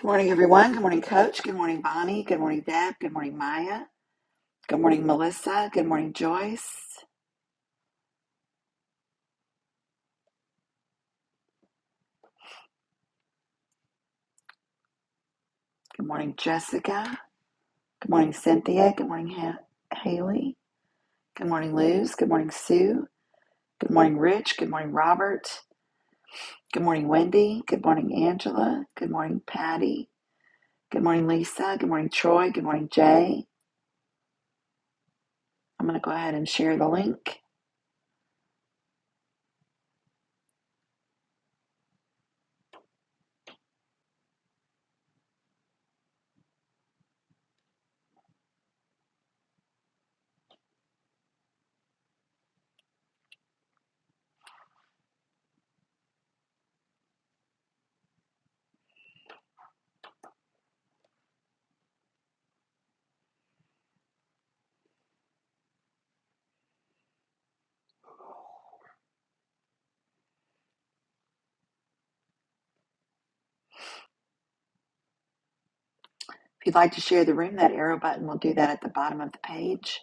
Good morning, everyone. Good morning, Coach. Good morning, Bonnie. Good morning, Deb. Good morning, Maya. Good morning, Melissa. Good morning, Joyce. Good morning, Jessica. Good morning, Cynthia. Good morning, ha- Haley. Good morning, Luz. Good morning, Sue. Good morning, Rich. Good morning, Robert. Good morning, Wendy. Good morning, Angela. Good morning, Patty. Good morning, Lisa. Good morning, Troy. Good morning, Jay. I'm going to go ahead and share the link. If you'd like to share the room, that arrow button will do that at the bottom of the page.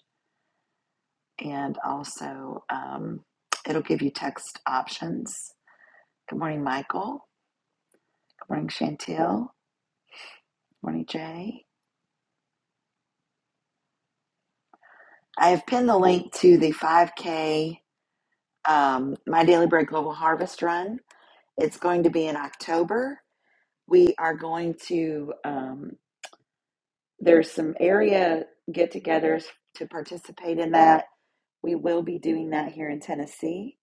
and also um, it'll give you text options. Good morning, Michael. Good morning, Chantel. Good morning, Jay. I have pinned the link to the 5K um, My Daily Bread Global Harvest Run. It's going to be in October. We are going to, um, there's some area get togethers to participate in that. We will be doing that here in Tennessee.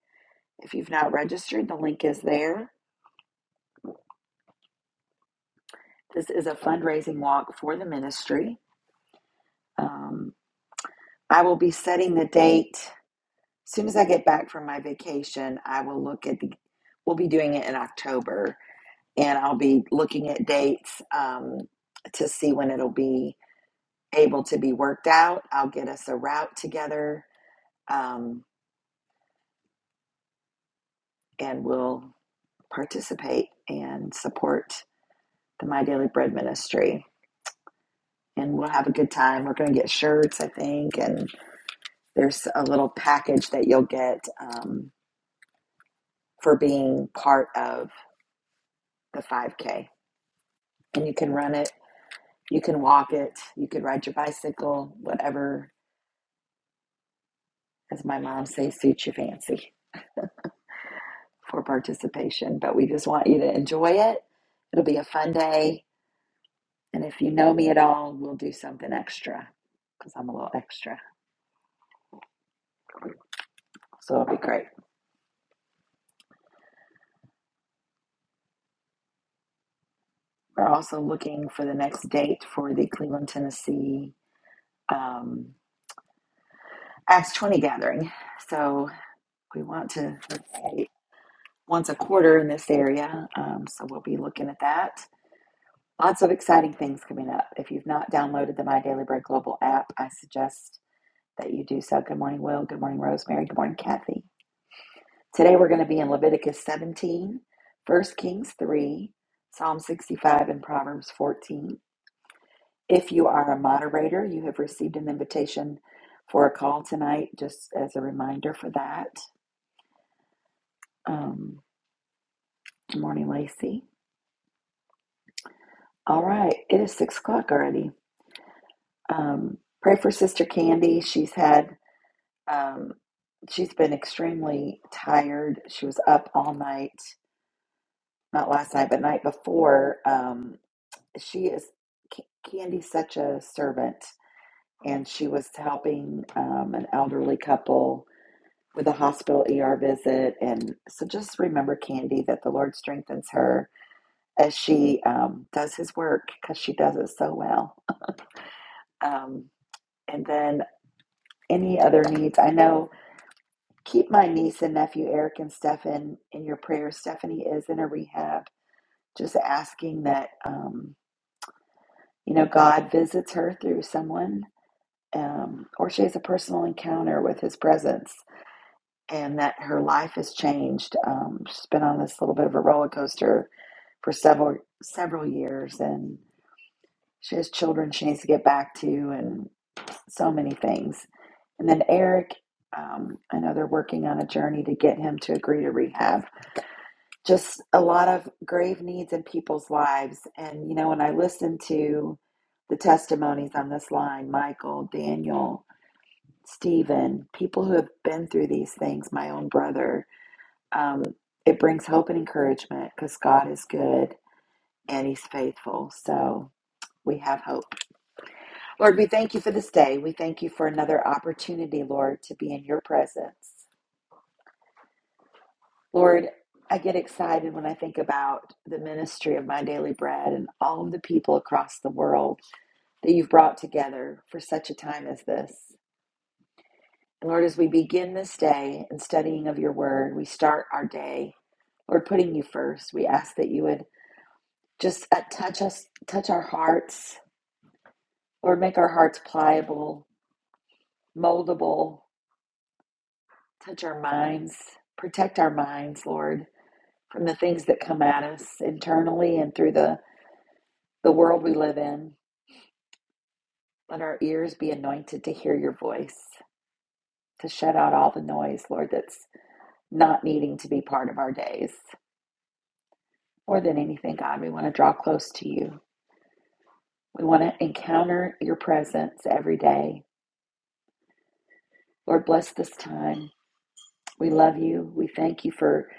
If you've not registered, the link is there. This is a fundraising walk for the ministry Um, I will be setting the date. As soon as I get back from my vacation, I will look at the, we'll be doing it in October, and I'll be looking at dates um, to see when it'll be able to be worked out. I'll get us a route together, um, and we'll participate and support the My Daily Bread Ministry. And we'll have a good time. We're going to get shirts, I think, and there's a little package that you'll get um, for being part of the 5K. And you can run it, you can walk it, you could ride your bicycle, whatever, as my mom says, suits your fancy for participation. But we just want you to enjoy it. It'll be a fun day. And if you know me at all, we'll do something extra because I'm a little extra. So it'll be great. We're also looking for the next date for the Cleveland, Tennessee um, Acts 20 gathering. So we want to, let's say, once a quarter in this area. Um, so we'll be looking at that. Lots of exciting things coming up. If you've not downloaded the My Daily Bread Global app, I suggest that you do so. Good morning, Will. Good morning, Rosemary. Good morning, Kathy. Today we're going to be in Leviticus 17, 1 Kings 3, Psalm 65, and Proverbs 14. If you are a moderator, you have received an invitation for a call tonight, just as a reminder for that. Um, good morning, Lacey. All right, it is 6 o'clock already. Um, pray for Sister Candy. She's had Um, she's been extremely tired. She was up all night, not last night, but night before. Um, she is C- Candy's such a servant, and she was helping um, an elderly couple with a hospital ER visit. And so just remember, Candy, that the Lord strengthens her as she um, does his work because she does it so well. Um, and then any other needs? I know. Keep my niece and nephew Eric and Stefan in your prayers. Stephanie is in a rehab. Just asking that um, you know God visits her through someone, um, or she has a personal encounter with His presence, and that her life has changed. Um, she's been on this little bit of a roller coaster for several several years, and she has children she needs to get back to, and so many things. And then Eric, um, I know they're working on a journey to get him to agree to rehab just a lot of grave needs in people's lives. And, you know, when I listen to the testimonies on this line, Michael, Daniel, Stephen, people who have been through these things, my own brother, um, it brings hope and encouragement because God is good and he's faithful. So we have hope. Lord, we thank you for this day. We thank you for another opportunity, Lord, to be in your presence. Lord, I get excited when I think about the ministry of my daily bread and all of the people across the world that you've brought together for such a time as this. And Lord, as we begin this day in studying of your word, we start our day, Lord, putting you first. We ask that you would just uh, touch us, touch our hearts, Lord, make our hearts pliable, moldable, touch our minds, protect our minds, Lord, from the things that come at us internally and through the the world we live in. Let our ears be anointed to hear your voice, to shut out all the noise, Lord, that's not needing to be part of our days. More than anything, God, we want to draw close to you. We want to encounter your presence every day. Lord, bless this time. We love you. We thank you for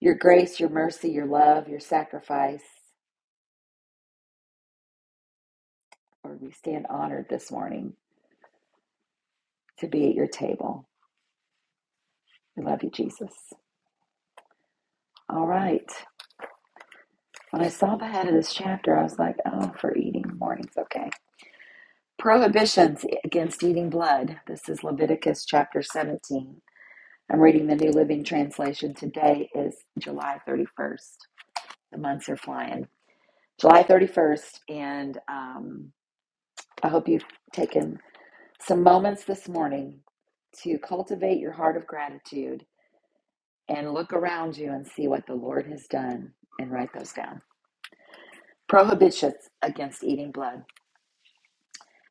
your grace, your mercy, your love, your sacrifice. Lord, we stand honored this morning to be at your table. We love you, Jesus. All right. When I saw the head of this chapter, I was like, oh, for eating warnings. Okay. Prohibitions against eating blood. This is Leviticus chapter 17. I'm reading the New Living Translation. Today is July 31st. The months are flying. July 31st. And um, I hope you've taken some moments this morning to cultivate your heart of gratitude and look around you and see what the Lord has done and write those down. Prohibitions against eating blood.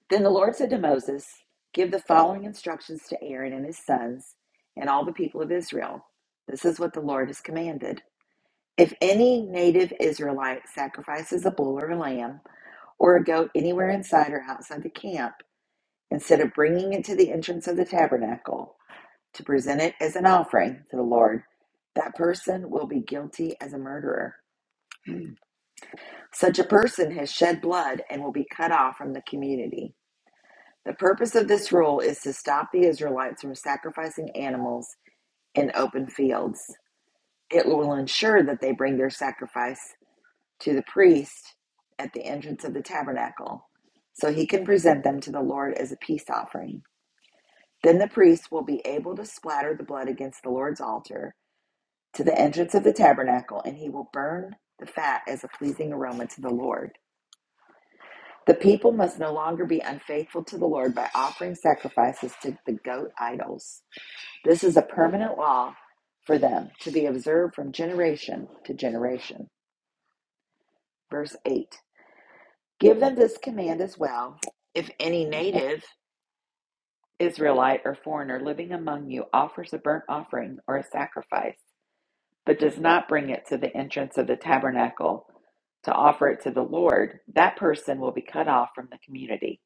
Then the Lord said to Moses, Give the following instructions to Aaron and his sons and all the people of Israel. This is what the Lord has commanded. If any native Israelite sacrifices a bull or a lamb or a goat anywhere inside or outside the camp, instead of bringing it to the entrance of the tabernacle to present it as an offering to the Lord, that person will be guilty as a murderer. Such a person has shed blood and will be cut off from the community. The purpose of this rule is to stop the Israelites from sacrificing animals in open fields. It will ensure that they bring their sacrifice to the priest at the entrance of the tabernacle, so he can present them to the Lord as a peace offering. Then the priest will be able to splatter the blood against the Lord's altar to the entrance of the tabernacle, and he will burn the fat as a pleasing aroma to the Lord. The people must no longer be unfaithful to the Lord by offering sacrifices to the goat idols. This is a permanent law for them to be observed from generation to generation. Verse 8 Give them this command as well. If any native, Israelite, or foreigner living among you offers a burnt offering or a sacrifice, but does not bring it to the entrance of the tabernacle to offer it to the Lord, that person will be cut off from the community.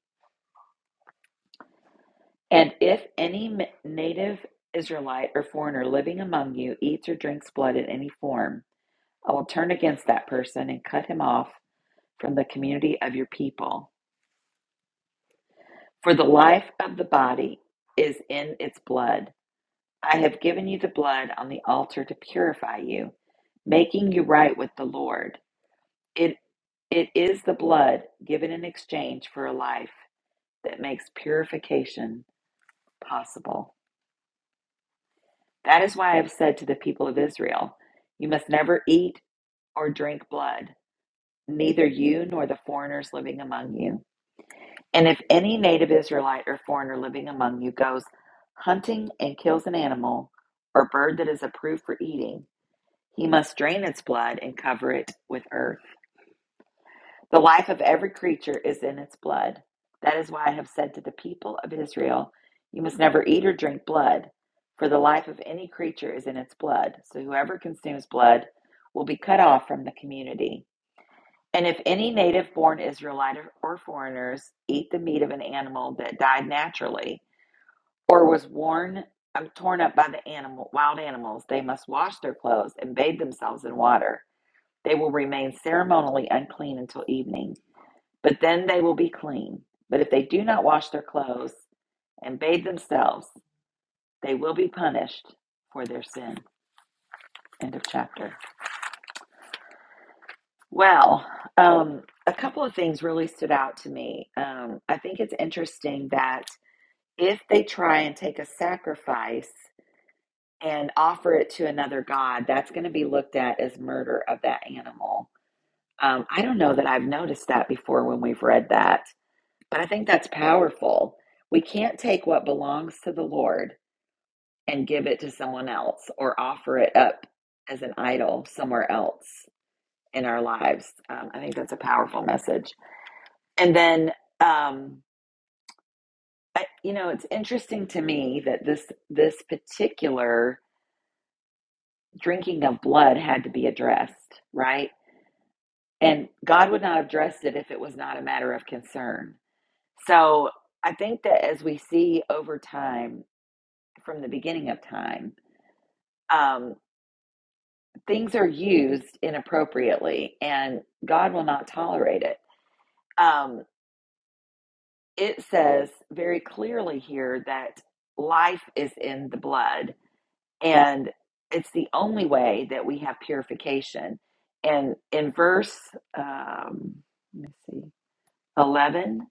And if any m- native Israelite or foreigner living among you eats or drinks blood in any form, I will turn against that person and cut him off from the community of your people. For the life of the body is in its blood. I have given you the blood on the altar to purify you, making you right with the Lord. It, it is the blood given in exchange for a life that makes purification possible. That is why I have said to the people of Israel, You must never eat or drink blood, neither you nor the foreigners living among you. And if any native Israelite or foreigner living among you goes hunting and kills an animal or bird that is approved for eating, he must drain its blood and cover it with earth. The life of every creature is in its blood. That is why I have said to the people of Israel, You must never eat or drink blood, for the life of any creature is in its blood. So whoever consumes blood will be cut off from the community. And if any native born Israelite or foreigners eat the meat of an animal that died naturally or was worn um, torn up by the animal wild animals, they must wash their clothes and bathe themselves in water. They will remain ceremonially unclean until evening, but then they will be clean. But if they do not wash their clothes and bathe themselves, they will be punished for their sin. End of chapter. Well, um, a couple of things really stood out to me. Um, I think it's interesting that if they try and take a sacrifice and offer it to another god, that's going to be looked at as murder of that animal. Um, I don't know that I've noticed that before when we've read that, but I think that's powerful. We can't take what belongs to the Lord and give it to someone else or offer it up as an idol somewhere else in our lives. Um, I think that's a powerful message. And then, um, I, you know, it's interesting to me that this this particular drinking of blood had to be addressed, right? And God would not have addressed it if it was not a matter of concern. So I think that as we see over time, from the beginning of time, um, things are used inappropriately, and God will not tolerate it. Um, it says very clearly here that life is in the blood and it's the only way that we have purification. And in verse, um, let me see, eleven,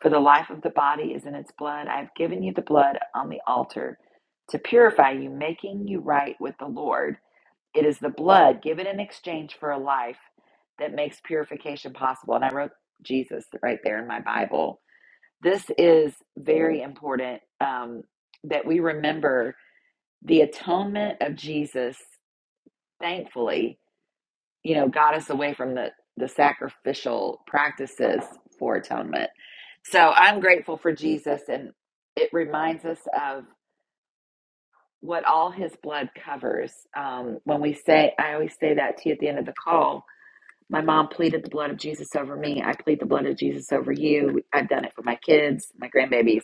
for the life of the body is in its blood. I have given you the blood on the altar to purify you, making you right with the Lord. It is the blood given in exchange for a life that makes purification possible. And I wrote Jesus right there in my Bible. This is very important um, that we remember the atonement of Jesus thankfully, you know, got us away from the, the sacrificial practices for atonement. So I'm grateful for Jesus, and it reminds us of what all his blood covers. Um, when we say, I always say that to you at the end of the call. My mom pleaded the blood of Jesus over me. I plead the blood of Jesus over you. I've done it for my kids, my grandbabies.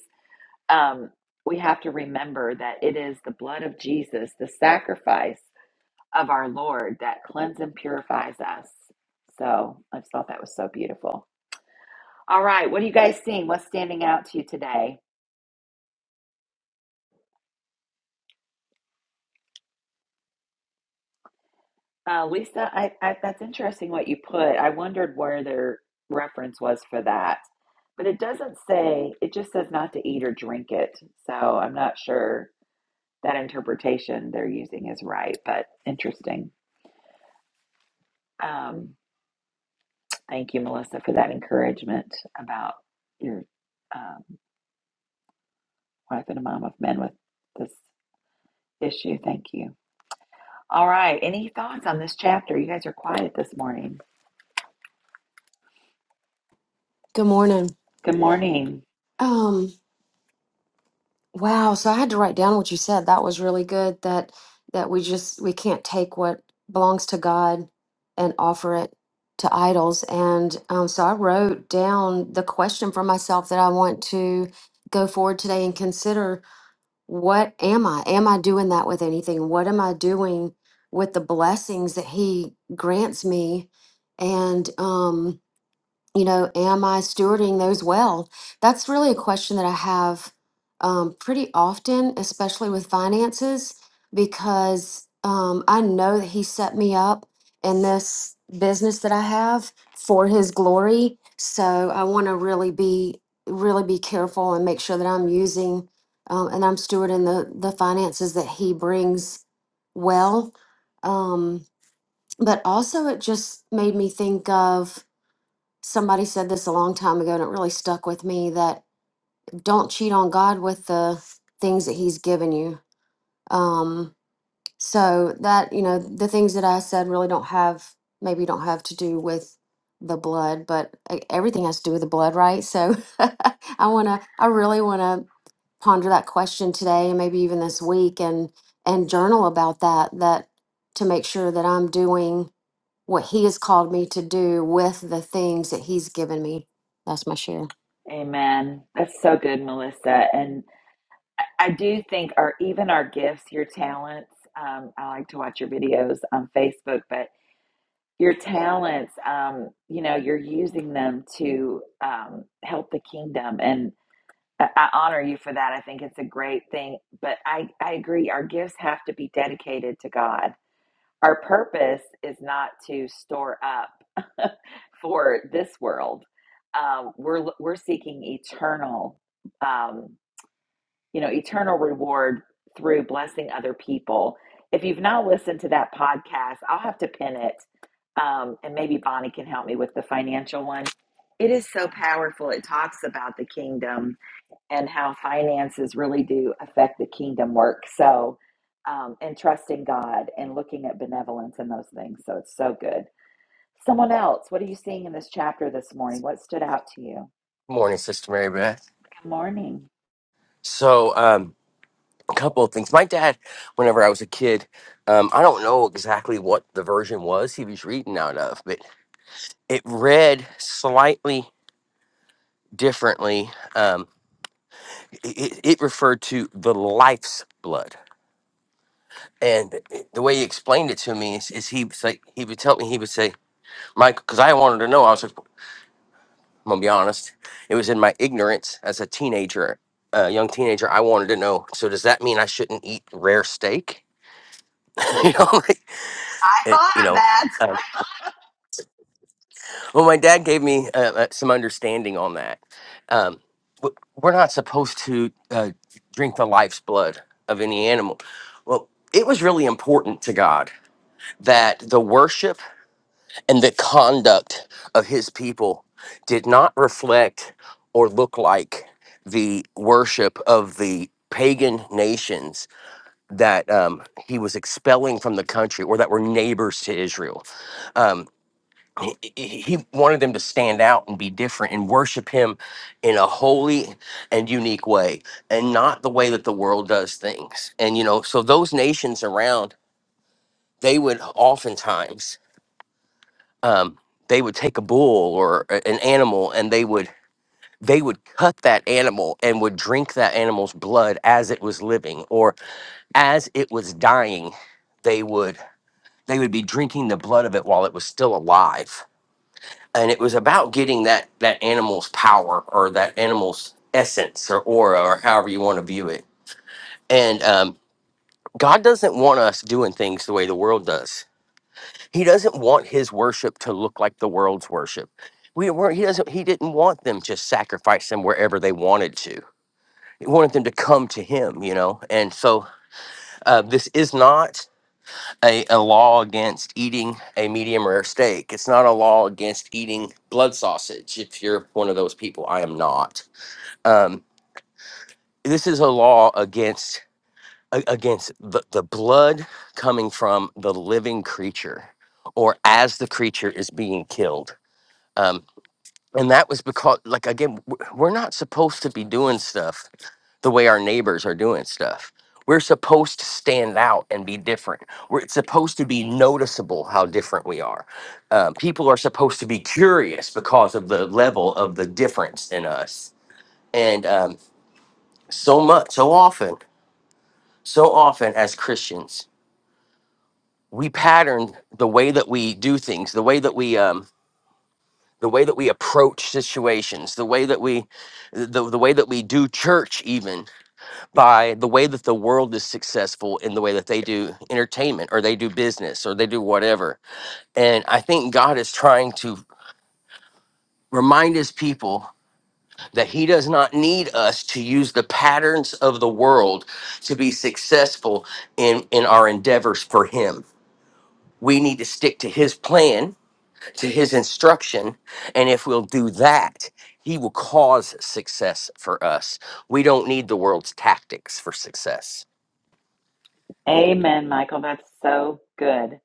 Um, we have to remember that it is the blood of Jesus, the sacrifice of our Lord that cleanses and purifies us. So I just thought that was so beautiful. All right, what are you guys seeing? What's standing out to you today? Uh, Lisa, I, I, that's interesting what you put. I wondered where their reference was for that. But it doesn't say, it just says not to eat or drink it. So I'm not sure that interpretation they're using is right, but interesting. Um, thank you, Melissa, for that encouragement about your um, wife and a mom of men with this issue. Thank you. All right. Any thoughts on this chapter? You guys are quiet this morning. Good morning. Good morning. Um, wow, so I had to write down what you said. That was really good that that we just we can't take what belongs to God and offer it to idols. And um, so I wrote down the question for myself that I want to go forward today and consider what am I? Am I doing that with anything? What am I doing with the blessings that he grants me? And um you know, am I stewarding those well? That's really a question that I have um, pretty often, especially with finances, because um, I know that He set me up in this business that I have for His glory. So I want to really be really be careful and make sure that I'm using um, and I'm stewarding the the finances that He brings well. Um, but also, it just made me think of somebody said this a long time ago and it really stuck with me that don't cheat on God with the things that he's given you. Um so that you know the things that I said really don't have maybe don't have to do with the blood but e- everything has to do with the blood right so I want to I really want to ponder that question today and maybe even this week and and journal about that that to make sure that I'm doing what He has called me to do with the things that He's given me. That's my share. Amen. That's so good, Melissa. And I I do think our even our gifts, your talents. Um, I like to watch your videos on Facebook, but your talents, um, you know, you're using them to um, help the kingdom. And I, I honor you for that. I think it's a great thing. But I, I agree, our gifts have to be dedicated to God Our purpose is not to store up for this world. Um, we're we're seeking eternal, um, you know, eternal reward through blessing other people. If you've not listened to that podcast, I'll have to pin it, um, and maybe Bonnie can help me with the financial one. It is so powerful. It talks about the kingdom and how finances really do affect the kingdom work. So, um, and trusting God and looking at benevolence and those things. So it's so good. Someone else, what are you seeing in this chapter this morning? What stood out to you? Morning, Sister Mary Beth. Good morning. So, um, a couple of things. My dad, whenever I was a kid, um, I don't know exactly what the version was he was reading out of, but it read slightly differently. Um, it, it referred to the life's blood. And it- the way he explained it to me is, is he was like, he would tell me, he would say, Mike, because I wanted to know. I was like, I'm going to be honest. It was in my ignorance as a teenager, a young teenager. I wanted to know. So, does that mean I shouldn't eat rare steak? you know, like, I it, thought you of know. that. Um, well, my dad gave me uh, uh, some understanding on that. Um, w- we're not supposed to uh, drink the life's blood of any animal. Well, it was really important to God that the worship and the conduct of His people did not reflect or look like the worship of the pagan nations that um, he was expelling from the country or that were neighbors to Israel Um, he he- wanted them to stand out and be different and worship him in a holy and unique way and not the way that the world does things and you know so those nations around they would oftentimes um, they would take a bull or a- an animal and they would they would cut that animal and would drink that animal's blood as it was living or as it was dying they would they would be drinking the blood of it while it was still alive and it was about getting that that animal's power or that animal's essence or aura or however you want to view it and um god doesn't want us doing things the way the world does he doesn't want his worship to look like the world's worship we weren't he doesn't he didn't want them just sacrifice them wherever they wanted to he wanted them to come to him you know and so uh, this is not a, a law against eating a medium rare steak. It's not a law against eating blood sausage. If you're one of those people, I am not. Um, this is a law against a- against the, the blood coming from the living creature, or as the creature is being killed. Um, and that was because, like again, w- we're not supposed to be doing stuff the way our neighbors are doing stuff. We're supposed to stand out and be different. We're, it's supposed to be noticeable how different we are. Uh, people are supposed to be curious because of the level of the difference in us. And um, so much, so often, so often as Christians, we pattern the way that we do things, the way that we, um, the way that we approach situations, the way that we, the, the way that we do church, even by the way that the world is successful in the way that they do entertainment or they do business or they do whatever. And I think God is trying to remind his people that he does not need us to use the patterns of the world to be successful in in our endeavors for him. We need to stick to his plan, to his instruction, and if we'll do that, he will cause success for us. We don't need the world's tactics for success. Amen, Michael. That's so good.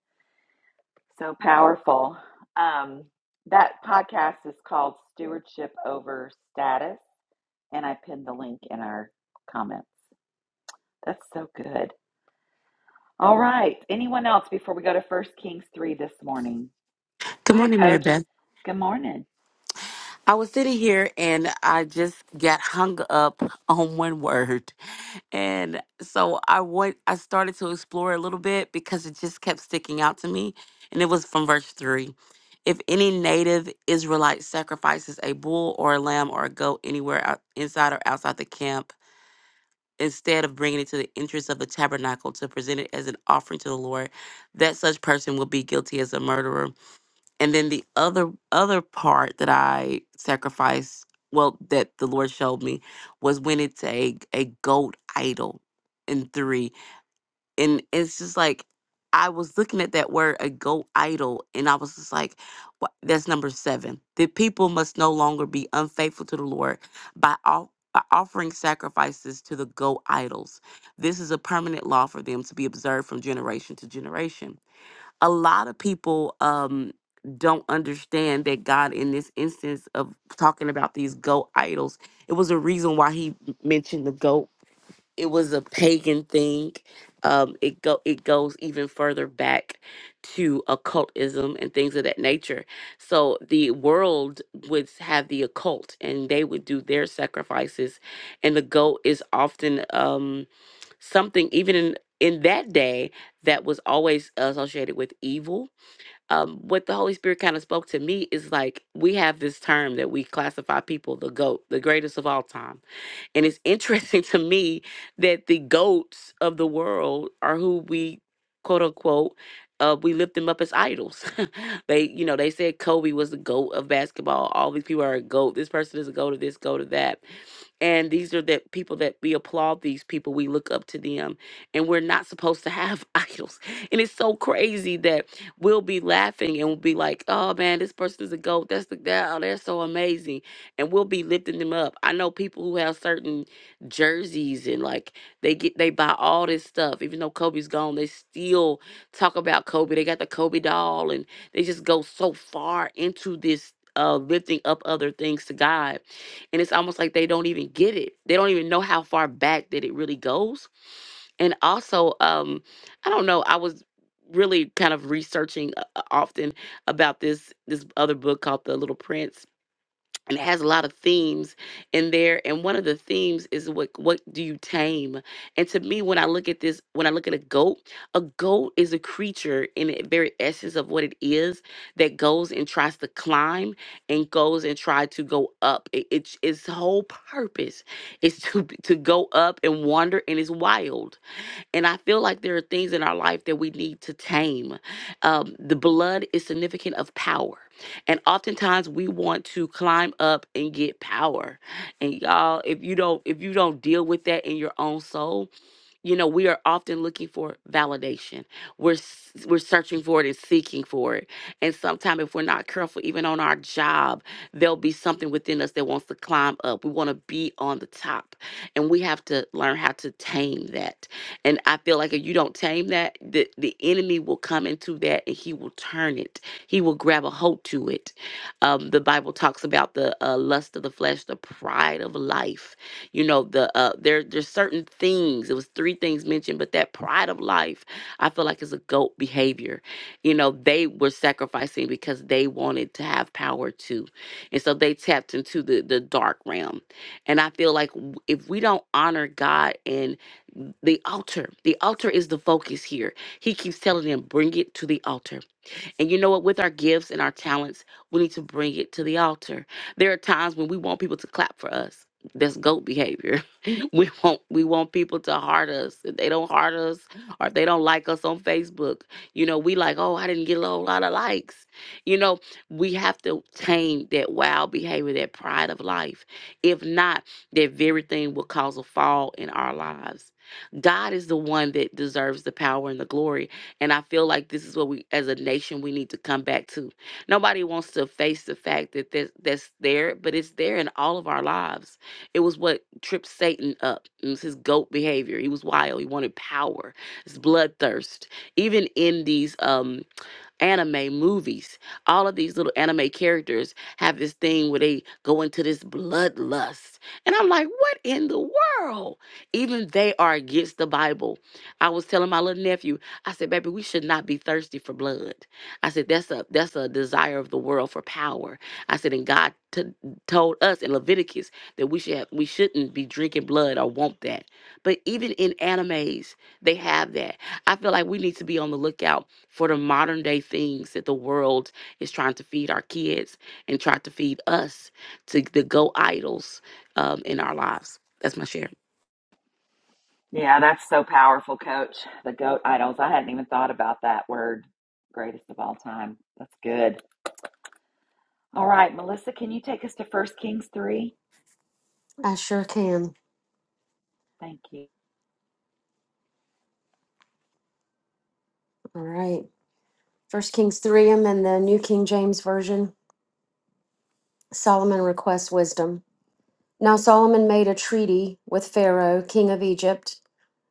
So powerful. Um, that podcast is called Stewardship Over Status, and I pinned the link in our comments. That's so good. All right. Anyone else before we go to First Kings 3 this morning? Go Good ahead, morning, Mary coach. Beth. Good morning. I was sitting here and I just got hung up on one word. And so I went I started to explore a little bit because it just kept sticking out to me. And it was from verse three. If any native Israelite sacrifices a bull or a lamb or a goat anywhere out, inside or outside the camp, instead of bringing it to the entrance of the tabernacle to present it as an offering to the Lord, that such person will be guilty as a murderer And then the other other part that I sacrificed, well, that the Lord showed me, was when it's a a goat idol in three. And it's just like I was looking at that word a goat idol, and I was just like, "Wha- that's number seven. The people must no longer be unfaithful to the Lord by all by offering sacrifices to the goat idols. This is a permanent law for them to be observed from generation to generation a lot of people um don't understand that God in this instance of talking about these goat idols, it was a reason why he m- mentioned the goat. It was a pagan thing. Um it go it goes even further back to occultism and things of that nature. So the world would have the occult and they would do their sacrifices and the goat is often um something even in in that day that was always associated with evil um, what the Holy Spirit kind of spoke to me is like we have this term that we classify people the goat, the greatest of all time. And it's interesting to me that the goats of the world are who we quote unquote uh, we lift them up as idols. they, you know, they said Kobe was the goat of basketball. All these people are a goat. This person is a goat of this, goat of that and these are the people that we applaud these people we look up to them and we're not supposed to have idols and it's so crazy that we'll be laughing and we'll be like oh man this person is a goat that's the that, oh, they're so amazing and we'll be lifting them up i know people who have certain jerseys and like they get they buy all this stuff even though kobe's gone they still talk about kobe they got the kobe doll and they just go so far into this uh lifting up other things to god and it's almost like they don't even get it they don't even know how far back that it really goes and also um i don't know i was really kind of researching uh, uh, often about this this other book called the little prince and it has a lot of themes in there and one of the themes is what what do you tame and to me when i look at this when i look at a goat a goat is a creature in the very essence of what it is that goes and tries to climb and goes and try to go up it, it's its whole purpose is to to go up and wander and it's wild and I feel like there are things in our life that we need to tame. Um, the blood is significant of power. And oftentimes we want to climb up and get power. And y'all, if you don't, if you don't deal with that in your own soul, you know we are often looking for validation we're s- we're searching for it and seeking for it and sometimes if we're not careful even on our job there'll be something within us that wants to climb up we want to be on the top and we have to learn how to tame that and i feel like if you don't tame that the, the enemy will come into that and he will turn it he will grab a hold to it um, the bible talks about the uh, lust of the flesh the pride of life you know the uh there there's certain things it was three things mentioned but that pride of life i feel like is a goat behavior you know they were sacrificing because they wanted to have power too and so they tapped into the the dark realm and i feel like w- if we don't honor god and the altar the altar is the focus here he keeps telling them bring it to the altar and you know what? With our gifts and our talents, we need to bring it to the altar. There are times when we want people to clap for us. That's goat behavior. we want we want people to heart us. If they don't heart us or if they don't like us on Facebook, you know, we like, oh, I didn't get a whole lot of likes. You know, we have to tame that wild behavior, that pride of life. If not, that very thing will cause a fall in our lives. God is the one that deserves the power and the glory and I feel like this is what we, as a nation, we need to come back to. Nobody wants to face the fact that that's, that's there, but it's there in all of our lives. It was what tripped Satan up. It was his goat behavior. He was wild. He wanted power. His bloodthirst. Even in these, um, anime movies. All of these little anime characters have this thing where they go into this bloodlust. And I'm like, what in the world? Even they are against the Bible. I was telling my little nephew, I said, baby, we should not be thirsty for blood. I said, that's a that's a desire of the world for power. I said, and God t- told us in Leviticus that we should have, we shouldn't be drinking blood or want that. But even in animes, they have that I feel like we need to be on the lookout for the modern day things that the world is trying to feed our kids and try to feed us to the go idols um, in our lives. That's my share. Yeah, that's so powerful, coach. The goat idols. I hadn't even thought about that word. Greatest of all time. That's good. All right, Melissa, can you take us to First Kings 3? I sure can. Thank you. All right. First Kings 3, I'm in the New King James Version. Solomon requests wisdom. Now Solomon made a treaty with Pharaoh, king of Egypt,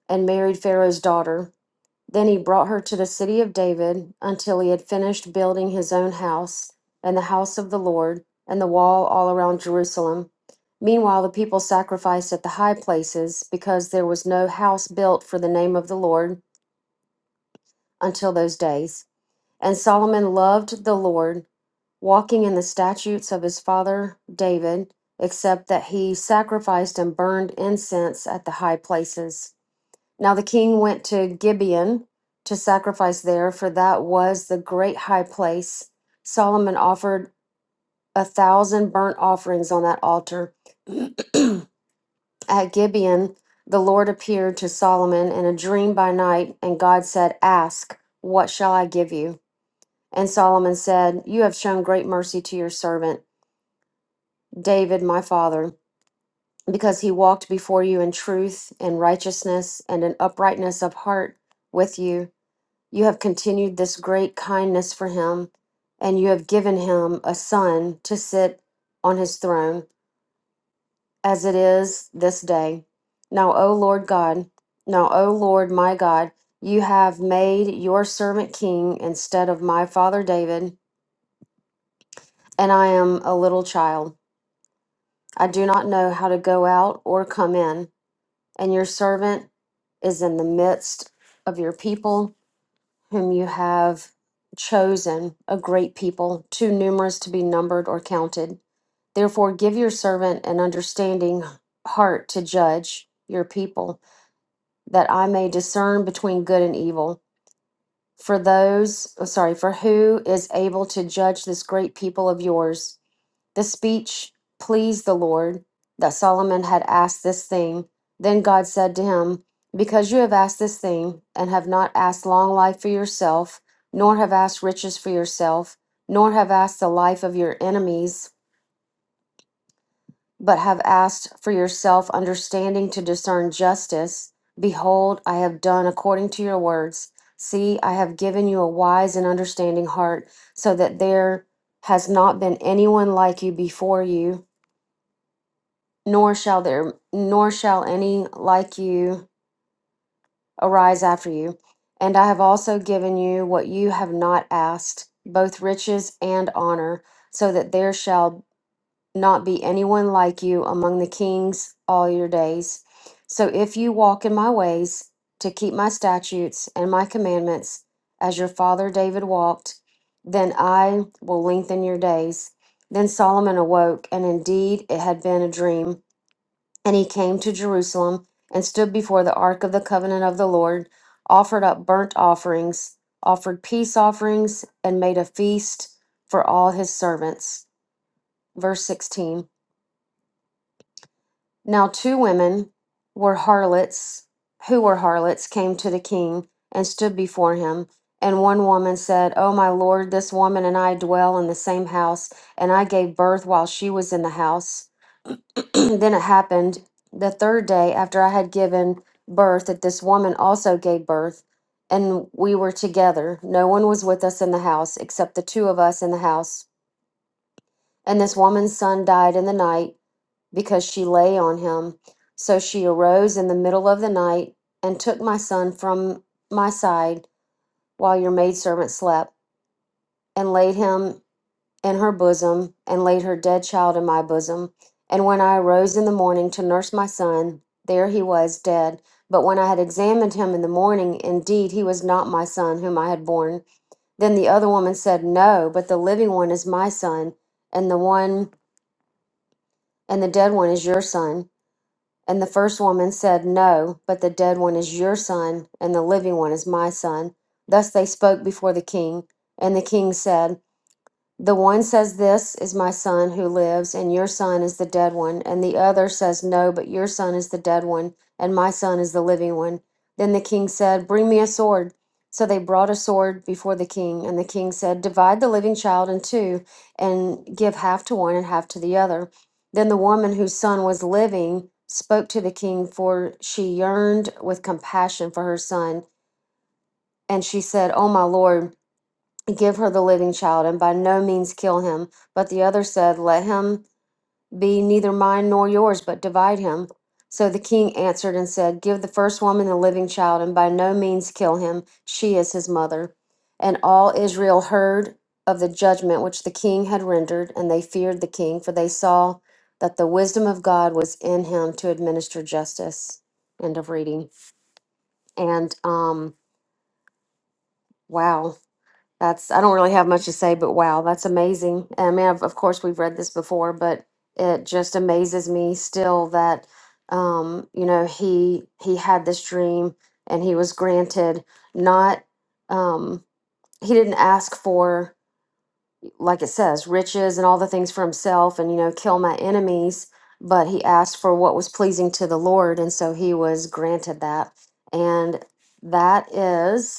and married Pharaoh's daughter. Then he brought her to the city of David until he had finished building his own house and the house of the Lord and the wall all around Jerusalem. Meanwhile, the people sacrificed at the high places because there was no house built for the name of the Lord until those days. And Solomon loved the Lord, walking in the statutes of his father David, except that he sacrificed and burned incense at the high places. Now the king went to Gibeon to sacrifice there, for that was the great high place. Solomon offered a thousand burnt offerings on that altar. At Gibeon, the Lord appeared to Solomon in a dream by night, and God said, Ask, what shall I give you? And Solomon said, You have shown great mercy to your servant, David, my father, because he walked before you in truth and righteousness and in uprightness of heart with you You have continued this great kindness for him, and you have given him a son to sit on his throne, as it is this day. Now, O Lord God, now, O Lord my God, you have made your servant king instead of my father David, and I am a little child. I do not know how to go out or come in, and your servant is in the midst of your people whom you have chosen, a great people, too numerous to be numbered or counted. Therefore, give your servant an understanding heart to judge your people, that I may discern between good and evil. For those, oh, sorry, for who is able to judge this great people of yours? The speech pleased the Lord that Solomon had asked this thing. Then God said to him, Because you have asked this thing, and have not asked long life for yourself, nor have asked riches for yourself, nor have asked the life of your enemies, but have asked for yourself understanding to discern justice, behold, I have done according to your words. See, I have given you a wise and understanding heart, so that there has not been anyone like you before you nor shall there nor shall any like you arise after you and i have also given you what you have not asked both riches and honor so that there shall not be anyone like you among the kings all your days so if you walk in my ways to keep my statutes and my commandments as your father david walked then i will lengthen your days then solomon awoke and indeed it had been a dream and he came to Jerusalem and stood before the ark of the covenant of the Lord, offered up burnt offerings, offered peace offerings, and made a feast for all his servants. Verse 16. Now two women were harlots, who were harlots, came to the king and stood before him. And one woman said, O my lord, this woman and I dwell in the same house, and I gave birth while she was in the house. then it happened the third day after I had given birth that this woman also gave birth, and we were together. No one was with us in the house except the two of us in the house. And this woman's son died in the night because she lay on him. So she arose in the middle of the night and took my son from my side while your maidservant slept and laid him in her bosom and laid her dead child in my bosom. And when I arose in the morning to nurse my son, there he was dead. But when I had examined him in the morning, indeed he was not my son whom I had born. Then the other woman said, No, but the living one is my son, and the one and the dead one is your son. And the first woman said, No, but the dead one is your son, and the living one is my son. Thus they spoke before the king. And the king said, the one says, This is my son who lives, and your son is the dead one. And the other says, No, but your son is the dead one, and my son is the living one. Then the king said, Bring me a sword. So they brought a sword before the king. And the king said, Divide the living child in two, and give half to one and half to the other. Then the woman whose son was living spoke to the king, for she yearned with compassion for her son. And she said, "O my Lord. Give her the living child, and by no means kill him. But the other said, Let him be neither mine nor yours, but divide him. So the king answered and said, Give the first woman the living child, and by no means kill him. She is his mother. And all Israel heard of the judgment which the king had rendered, and they feared the king, for they saw that the wisdom of God was in him to administer justice. End of reading. And um, wow That's, I don't really have much to say, but wow, that's amazing. I mean, of, of course, we've read this before, but it just amazes me still that, um, you know, he he had this dream and he was granted not, um, he didn't ask for, like it says, riches and all the things for himself and, you know, kill my enemies, but he asked for what was pleasing to the Lord, and so he was granted that. And that is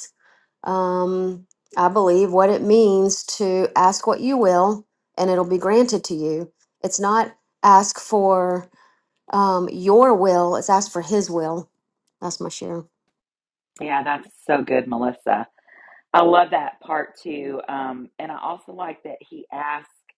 um, I believe, what it means to ask what you will and it'll be granted to you. It's not ask for um, your will, it's ask for His will. That's my share. Yeah, that's so good, Melissa. I love that part too. Um, and I also like that he asked.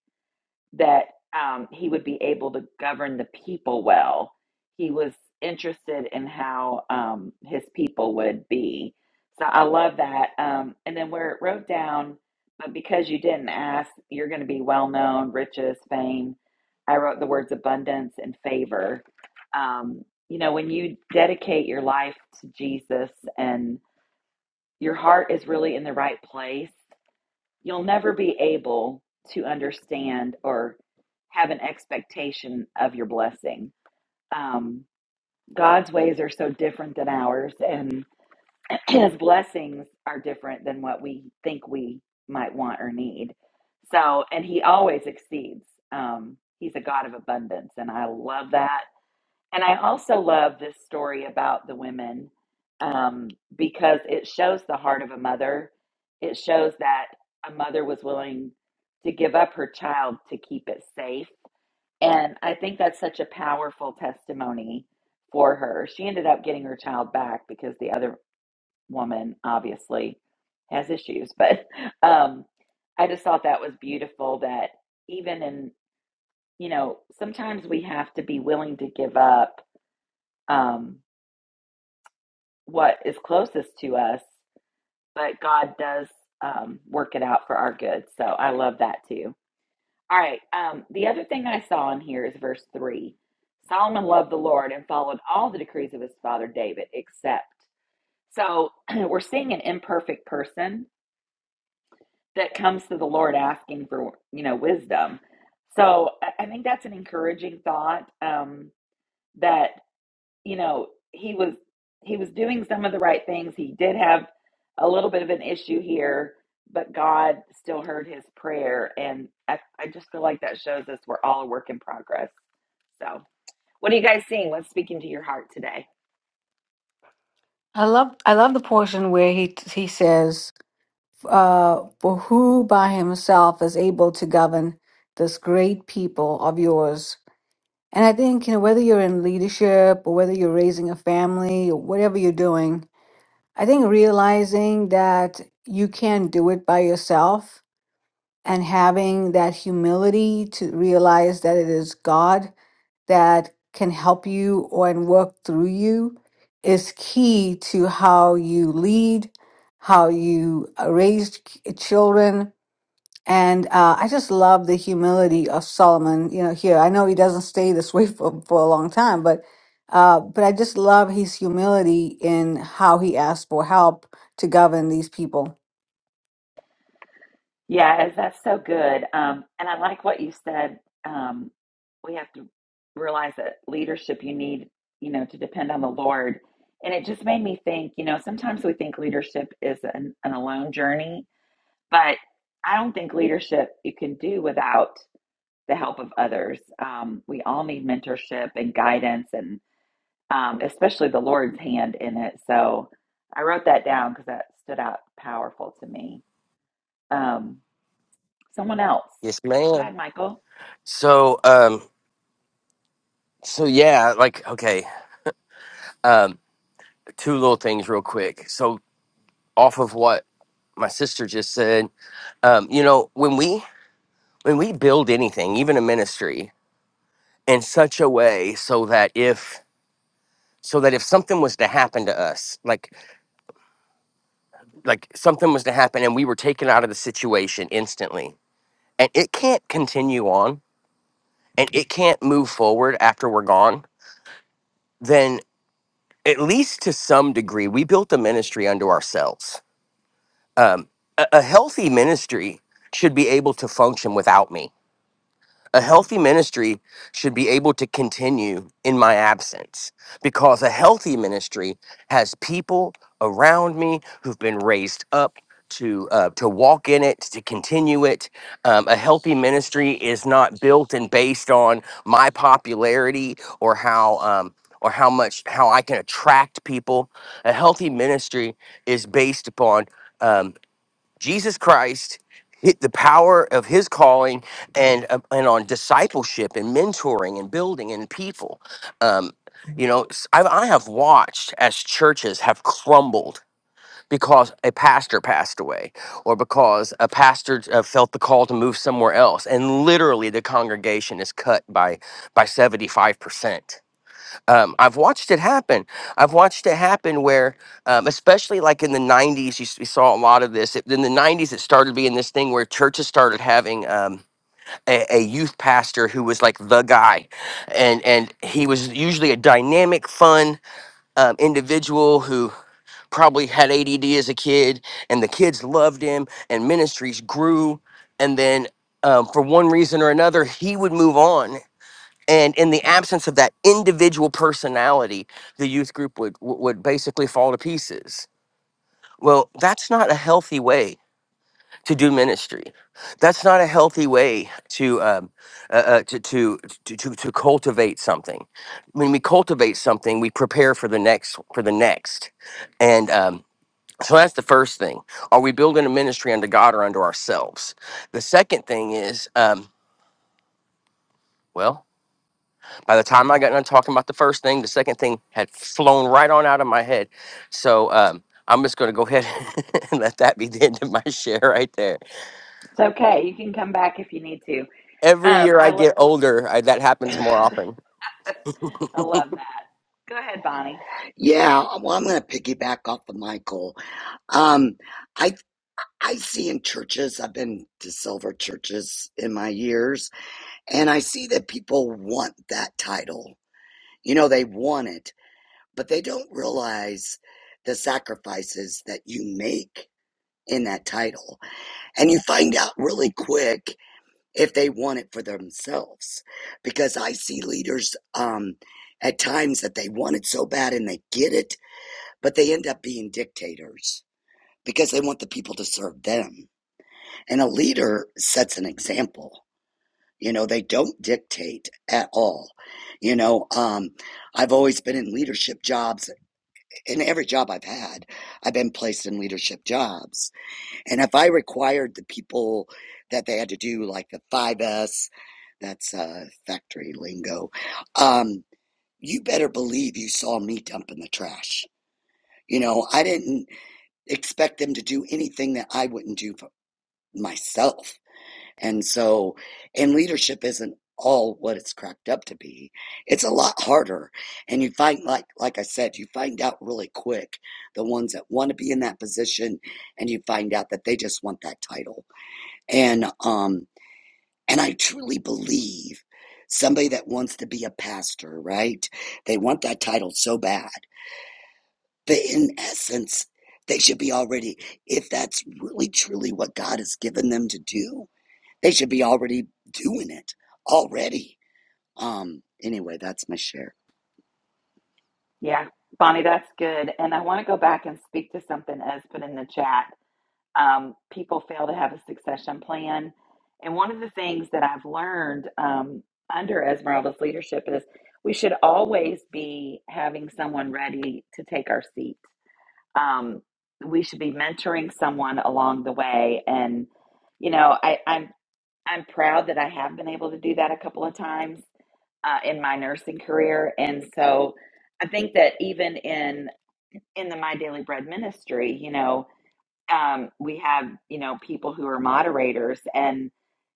that um, he would be able to govern the people well. He was interested in how um, his people would be. So I love that. Um, and then where it wrote down, but because you didn't ask, you're going to be well known, riches, fame. I wrote the words abundance and favor. Um, you know, when you dedicate your life to Jesus and your heart is really in the right place, You'll never be able to understand or have an expectation of your blessing. Um, God's ways are so different than ours, and His blessings are different than what we think we might want or need. So, and He always exceeds. Um, he's a God of abundance, and I love that and I also love this story about the women um, because it shows the heart of a mother. It shows that a mother was willing to give up her child to keep it safe. And I think that's such a powerful testimony for her. She ended up getting her child back because the other woman obviously has issues. But um, I just thought that was beautiful that even in, you know, sometimes we have to be willing to give up. Um, what is closest to us, but God does um, work it out for our good. So I love that too. All right. Um, the other thing I saw in here is verse 3 Solomon loved the Lord and followed all the decrees of his father David, except. So we're seeing an imperfect person that comes to the Lord asking for, you know, wisdom. So I I think that's an encouraging thought um, that you know he was he was doing some of the right things he did have a little bit of an issue here but god still heard his prayer and i, I just feel like that shows us we're all a work in progress so What are you guys seeing? What's speaking to your heart today? I love I love the portion where he he says, uh, "For who by himself is able to govern this great people of yours?" And I think you know whether you're in leadership or whether you're raising a family or whatever you're doing, I think realizing that you can't do it by yourself and having that humility to realize that it is God that can help you or and work through you is key to how you lead, how you uh, raise k- children. And uh, I just love the humility of Solomon. You know, here I know he doesn't stay this way for, for a long time, but uh, but I just love his humility in how he asked for help to govern these people. yes that's so good um and i like what you said um we have to realize that leadership you need you know to depend on the lord and it just made me think you know sometimes we think leadership is an, an alone journey but I don't think leadership you can do without the help of others. Um, we all need mentorship and guidance, and um, especially the Lord's hand in it. So I wrote that down because that stood out powerful to me. Um, someone else, Yes, go ma'am. ahead, Michael. So, um, so yeah, like, okay, um, two little things real quick. So, off of what my sister just said, um, you know, when we when we build anything, even a ministry, in such a way so that if so that if something was to happen to us, like like something was to happen and we were taken out of the situation instantly, and it can't continue on and it can't move forward after we're gone, then at least to some degree, we built the ministry unto ourselves um, a, a healthy ministry should be able to function without me. A healthy ministry should be able to continue in my absence because a healthy ministry has people around me who've been raised up to uh, to walk in it, to continue it. Um, a healthy ministry is not built and based on my popularity or how um, or how much how I can attract people. A healthy ministry is based upon. Um, Jesus Christ hit the power of his calling and uh, and on discipleship and mentoring and building and people um you know s- I, I have watched as churches have crumbled because a pastor passed away or because a pastor uh, felt the call to move somewhere else and literally the congregation is cut by by 75% um, I've watched it happen. I've watched it happen where, um, especially like in the 90s, you, s- we saw a lot of this. It, in the 90s, it started being this thing where churches started having um, a, a youth pastor who was like the guy. And, and he was usually a dynamic, fun um, individual who probably had ADD as a kid, and the kids loved him, and ministries grew. And then um, for one reason or another, he would move on and in the absence of that individual personality the youth group would w- would basically fall to pieces well that's not a healthy way to do ministry that's not a healthy way to um, uh, uh, to, to to to to cultivate something when we cultivate something we prepare for the next for the next and um so that's the first thing. Are we building a ministry unto God or unto ourselves? The second thing is, um, well, By the time I got done talking about the first thing, the second thing had flown right on out of my head. So um, I'm just going to go ahead and let that be the end of my share right there. It's okay. You can come back if you need to. Every Um, year I I lo- get older, I, that happens more often. I love that. Go ahead, Bonnie. Yeah, well, I'm going to piggyback off of Michael. Um, I I see in churches. I've been to silver churches in my years, and I see that people want that title. You know, they want it, but they don't realize the sacrifices that you make in that title, and you find out really quick if they want it for themselves. Because I see leaders um, at times that they want it so bad and they get it but they end up being dictators because they want the people to serve them. And a leader sets an example. You know, they don't dictate at all. You know, um, I've always been in leadership jobs. In every job I've had, I've been placed in leadership jobs. And if I required the people that they had to do, like the five S, that's uh, factory lingo, um, you better believe you saw me dumping the trash. You know, I didn't expect them to do anything that I wouldn't do for myself. And so, and leadership isn't all what it's cracked up to be. It's a lot harder. And you find, like, like I said, you find out really quick the ones that want to be in that position and you find out that they just want that title. And, um, and I truly believe somebody that wants to be a pastor, right? They want that title so bad that in essence they should be already if that's really truly what god has given them to do they should be already doing it already um anyway that's my share Yeah, Bonnie, that's good. And I want to go back and speak to something Ez put in the chat um, people fail to have a succession plan. And one of the things that I've learned um, under Esmeralda's leadership is we should always be having someone ready to take our seat. Um, we should be mentoring someone along the way. And, you know, I, I'm, I'm proud that I have been able to do that a couple of times uh, in my nursing career. And so I think that even in, in the My Daily Bread ministry, you know, um, we have you know people who are moderators and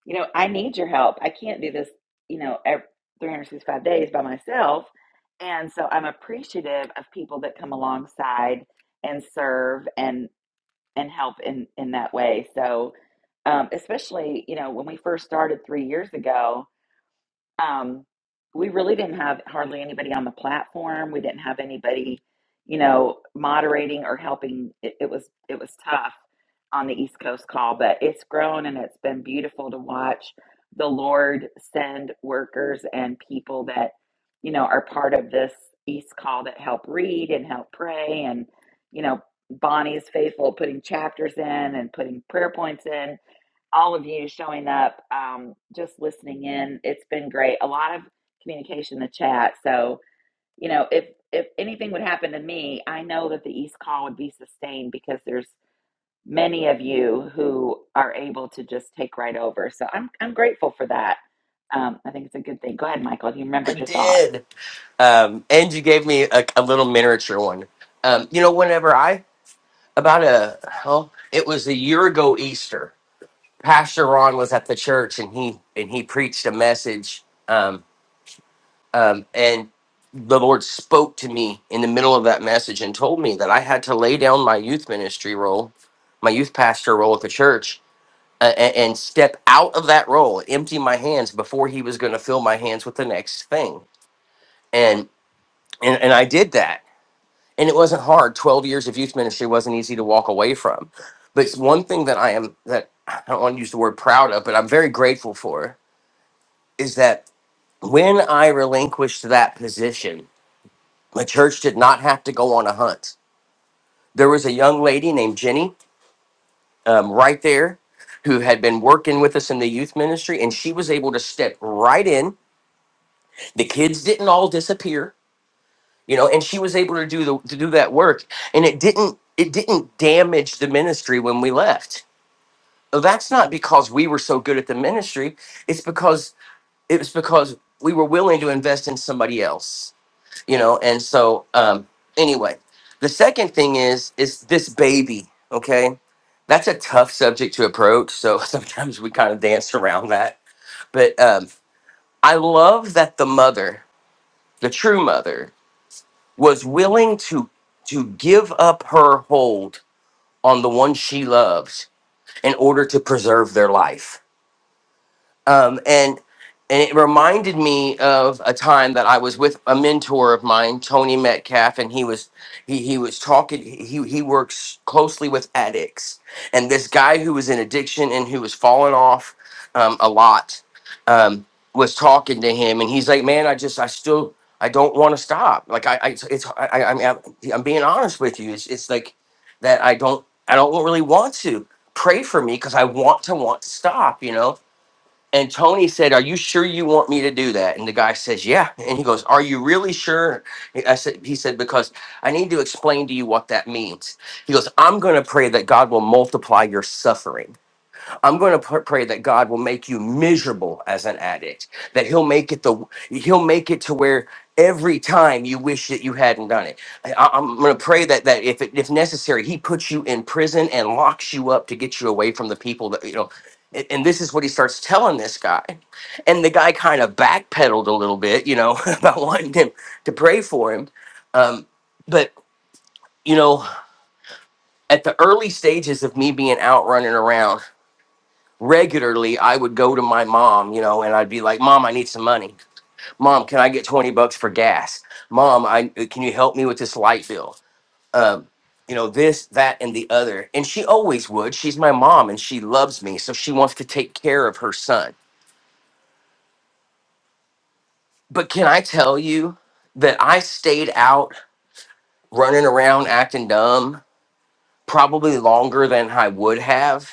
you know i need your help i can't do this you know ev 365 days by myself and so i'm appreciative of people that come alongside and serve and and help in in that way so um, especially you know when we first started three years ago um, we really didn't have hardly anybody on the platform. We didn't have anybody, you know, moderating or helping. It, it was it was tough on the East Coast call, but it's grown and it's been beautiful to watch the Lord send workers and people that you know are part of this East call that help read and help pray and you know Bonnie is faithful at putting chapters in and putting prayer points in all of you showing up, um, just listening in. It's been great. A lot of communication in the chat. So, you know, if if anything would happen to me, I know that the East Call would be sustained because there's many of you who are able to just take right over. So I'm I'm grateful for that. Um, I think it's a good thing. Go ahead, Michael. You I remembered your thought. did. Um, and you gave me a, a little miniature one. Um, you know, whenever I, about a, well, it was a year ago Easter, Pastor Ron was at the church and he, and he preached a message. um, Um, and the Lord spoke to me in the middle of that message and told me that I had to lay down my youth ministry role, my youth pastor role at the church, uh, and, and step out of that role, empty my hands before He was going to fill my hands with the next thing. And, and and I did that, and it wasn't hard. Twelve years of youth ministry wasn't easy to walk away from, but it's one thing that I am that I don't want to use the word proud of, but I'm very grateful for is that when I relinquished that position The church did not have to go on a hunt. There was a young lady named Jenny um, right there who had been working with us in the youth ministry, and she was able to step right in. The kids didn't all disappear, you know, and she was able to do the to do that work, and it didn't it didn't damage the ministry when we left. So That's not because we were so good at the ministry. It's because it was because we were willing to invest in somebody else you know and so um anyway the second thing is is this baby okay that's a tough subject to approach so sometimes we kind of dance around that but um i love that the mother the true mother was willing to to give up her hold on the one she loves in order to preserve their life um, and and it reminded me of a time that I was with a mentor of mine, Tony Metcalf, and he was he he was talking. He he works closely with addicts, and this guy who was in addiction and who was falling off um, a lot um, was talking to him, and he's like, "Man, I just I still." I don't want to stop. Like I, I it's, it's I, I, I'm, I'm I'm being honest with you. It's, it's like that. I don't, I don't really want to pray for me because I want to want to stop. You know, and Tony said, Are you sure you want me to do that? And the guy says, Yeah. And he goes, Are you really sure? I said, He said, Because I need to explain to you what that means. He goes, I'm going to pray that God will multiply your suffering. I'm going to pr- pray that God will make you miserable as an addict. That He'll make it the He'll make it to where every time you wish that you hadn't done it. I, am going to pray that that if it, if necessary, He puts you in prison and locks you up to get you away from the people that you know. And and this is what he starts telling this guy, and the guy kind of backpedaled a little bit, you know, about wanting him to pray for him. Um, but you know, at the early stages of me being out running around regularly I would go to my mom, you know, and I'd be like, "Mom, I need some money. Mom, can I get 20 bucks for gas? Mom, I uh, can you help me with this light bill?" Um, you know, this, that and the other. And she always would. She's my mom and she loves me, so she wants to take care of her son. But can I tell you that I stayed out running around acting dumb probably longer than I would have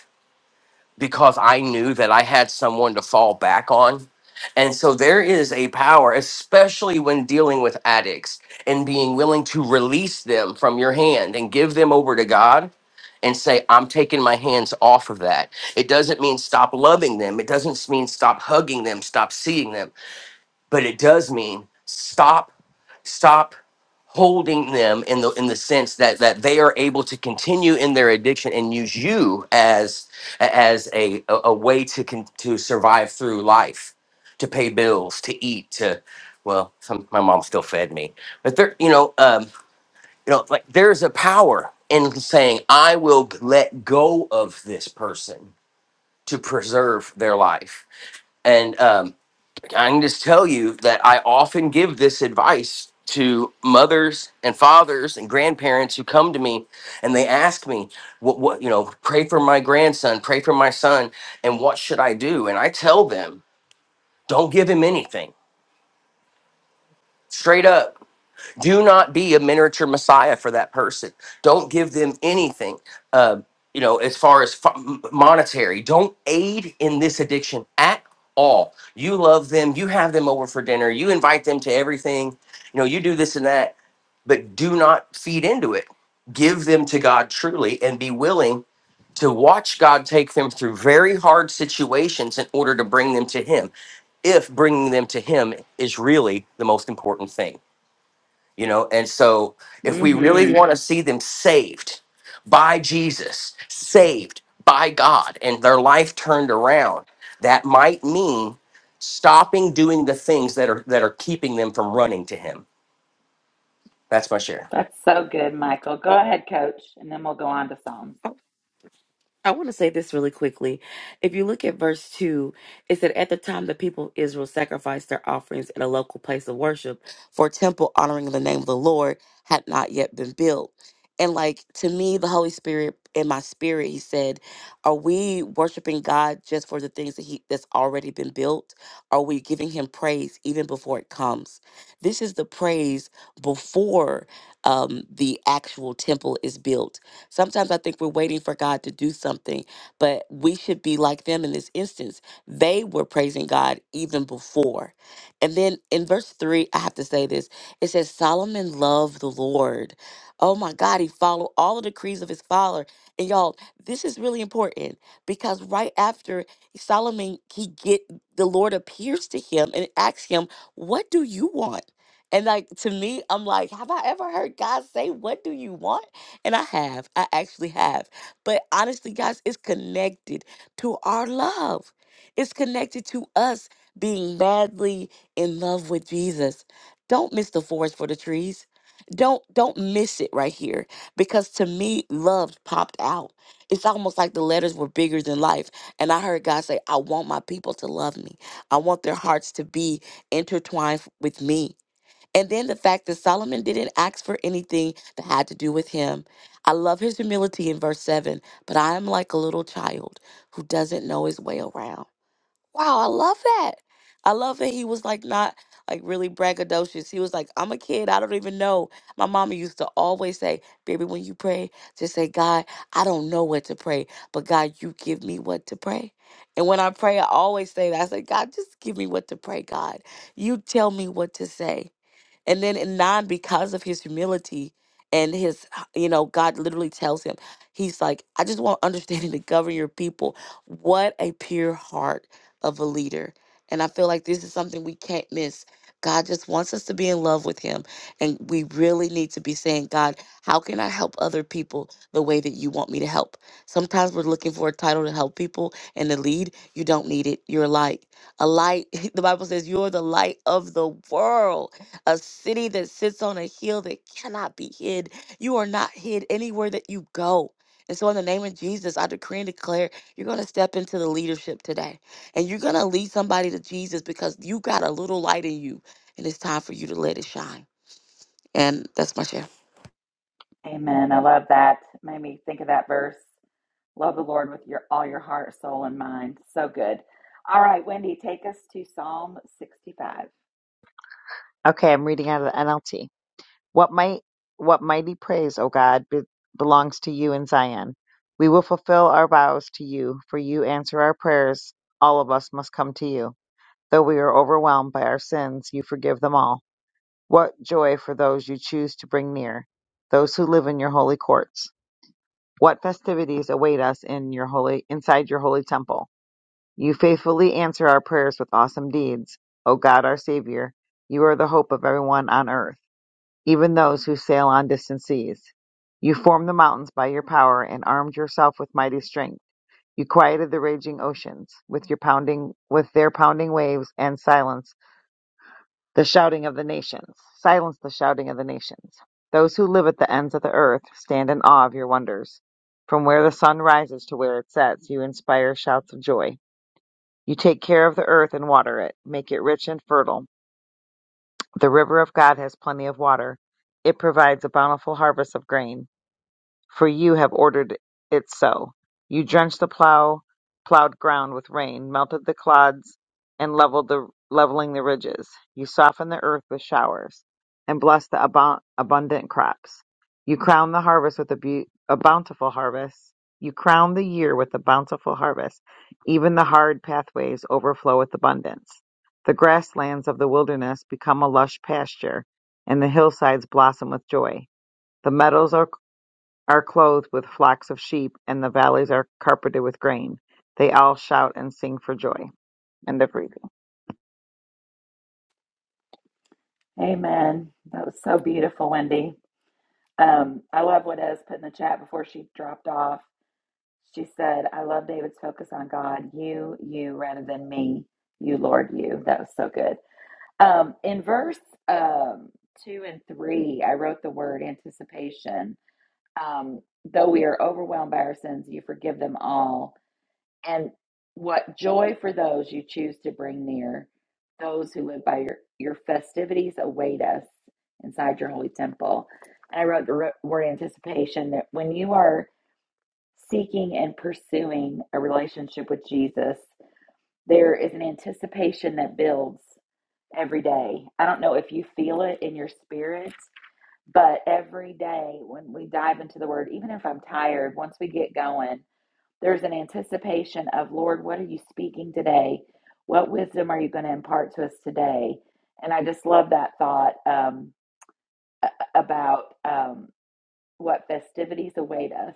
because I knew that I had someone to fall back on. And so there is a power, especially when dealing with addicts and being willing to release them from your hand and give them over to God and say, I'm taking my hands off of that. It doesn't mean stop loving them. It doesn't mean stop hugging them, stop seeing them but it does mean stop stop holding them in the in the sense that that they are able to continue in their addiction and use you as as a a, a way to con, to survive through life to pay bills to eat to well some, my mom still fed me but there you know um you know like there's a power in saying i will let go of this person to preserve their life and um I can just tell you that I often give this advice to mothers and fathers and grandparents who come to me and they ask me what what you know pray for my grandson pray for my son and what should I do and I tell them don't give him anything straight up do not be a miniature messiah for that person don't give them anything uh, you know as far as fu- monetary don't aid in this addiction at all you love them you have them over for dinner you invite them to everything you know you do this and that but do not feed into it give them to god truly and be willing to watch god take them through very hard situations in order to bring them to him if bringing them to him is really the most important thing you know and so if we really hmm want to see them saved by jesus saved by god and their life turned around that might mean stopping doing the things that are that are keeping them from running to him that's my share That's so good, Michael. Go ahead, Coach, and then we'll go on to Psalms. I want to say this really quickly. If you look at verse 2, it said, At the time the people of Israel sacrificed their offerings in a local place of worship, for a temple honoring the name of the Lord had not yet been built. And like to me, the Holy Spirit in my spirit, he said, Are we worshiping God just for the things that He that's already been built? Are we giving him praise even before it comes? This is the praise before um, the actual temple is built Sometimes I think we're waiting for God to do something, but we should be like them in this instance. They were praising God even before. And then in verse 3, I have to say this it says, Solomon loved the Lord. Oh my God, he followed all the decrees of his father. And y'all, this is really important because right after Solomon, he get the Lord appears to him and asks him, What do you want? And like to me, I'm like, have I ever heard God say, What do you want? And I have. I actually have. But honestly, guys, it's connected to our love. It's connected to us being madly in love with Jesus. Don't miss the forest for the trees. Don't don't miss it right here because to me love popped out. It's almost like the letters were bigger than life and I heard God say I want my people to love me. I want their hearts to be intertwined with me. And then the fact that Solomon didn't ask for anything that had to do with him. I love his humility in verse 7, but I am like a little child who doesn't know his way around. Wow, I love that. I love that he was like not like really braggadocious. He was like, I'm a kid. I don't even know. My mama used to always say, Baby, when you pray, just say, God, I don't know what to pray, but God, you give me what to pray. And when I pray, I always say that. I say, God, just give me what to pray, God. You tell me what to say. And then in nine, because of his humility and his, you know, God literally tells him, He's like, I just want understanding to govern your people. What a pure heart of a leader. And I feel like this is something we can't miss. God just wants us to be in love with Him. And we really need to be saying, God, how can I help other people the way that you want me to help? Sometimes we're looking for a title to help people and to lead. You don't need it. You're a light. A light, the Bible says, you're the light of the world a city that sits on a hill that cannot be hid. You are not hid anywhere that you go. And so, in the name of Jesus, I decree and declare you're going to step into the leadership today and you're going to lead somebody to Jesus because you got a little light in you and it's time for you to let it shine. And that's my share. Amen. I love that. Made me think of that verse. Love the Lord with your all your heart, soul, and mind. So good. All right, Wendy, take us to Psalm 65. Okay, I'm reading out of the NLT. What might what mighty praise, O God, be, belongs to you in Zion. We will fulfill our vows to you, for you answer our prayers. All of us must come to you. Though we are overwhelmed by our sins, you forgive them all. What joy for those you choose to bring near, those who live in your holy courts. What festivities await us in your holy inside your holy temple. You faithfully answer our prayers with awesome deeds. O God, our savior, you are the hope of everyone on earth even those who sail on distant seas. You formed the mountains by your power and armed yourself with mighty strength. You quieted the raging oceans with your pounding with their pounding waves and silenced the shouting of the nations. Silence the shouting of the nations. Those who live at the ends of the earth stand in awe of your wonders. From where the sun rises to where it sets, you inspire shouts of joy. You take care of the earth and water it, make it rich and fertile. The river of God has plenty of water. It provides a bountiful harvest of grain for you have ordered it so. You drenched the plow, plowed ground with rain, melted the clods, and leveled the leveling the ridges. You softened the earth with showers, and blessed the abou- abundant crops. You crowned the harvest with a, beau- a bountiful harvest. You crowned the year with a bountiful harvest. Even the hard pathways overflow with abundance. The grasslands of the wilderness become a lush pasture, and the hillsides blossom with joy. The meadows are are clothed with flocks of sheep, and the valleys are carpeted with grain. They all shout and sing for joy. End of reading. Amen. That was so beautiful, Wendy. Um, I love what Ez put in the chat before she dropped off. She said, I love David's focus on God, you, you, rather than me, you, Lord, you. That was so good. Um, in verse um, two and three, I wrote the word anticipation. Um, Though we are overwhelmed by our sins, you forgive them all And what joy for those you choose to bring near, those who live by your, your festivities await us inside your holy temple. And I wrote the ro- word anticipation that when you are seeking and pursuing a relationship with Jesus, there is an anticipation that builds every day. I don't know if you feel it in your spirit, but every day when we dive into the word, even if I'm tired, once we get going, there's an anticipation of, Lord, what are you speaking today? What wisdom are you going to impart to us today? And I just love that thought um, a- about um, what festivities await us.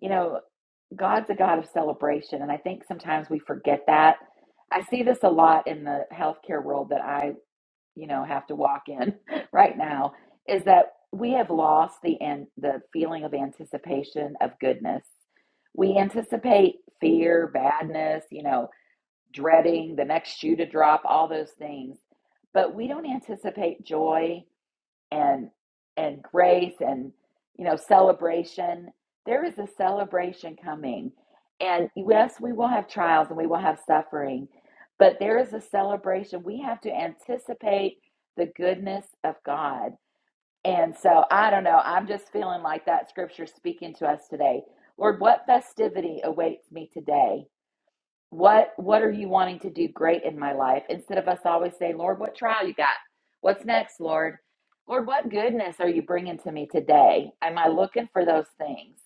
You know, God's a God of celebration. And I think sometimes we forget that. I see this a lot in the healthcare world that I you know have to walk in right now is that we have lost the and the feeling of anticipation of goodness we anticipate fear badness you know dreading the next shoe to drop all those things but we don't anticipate joy and and grace and you know celebration there is a celebration coming and yes we will have trials and we will have suffering but there is a celebration we have to anticipate the goodness of god and so i don't know i'm just feeling like that scripture speaking to us today lord what festivity awaits me today what what are you wanting to do great in my life? Instead of us always saying, Lord, what trial you got? What's next, Lord? Lord, what goodness are you bringing to me today? Am I looking for those things?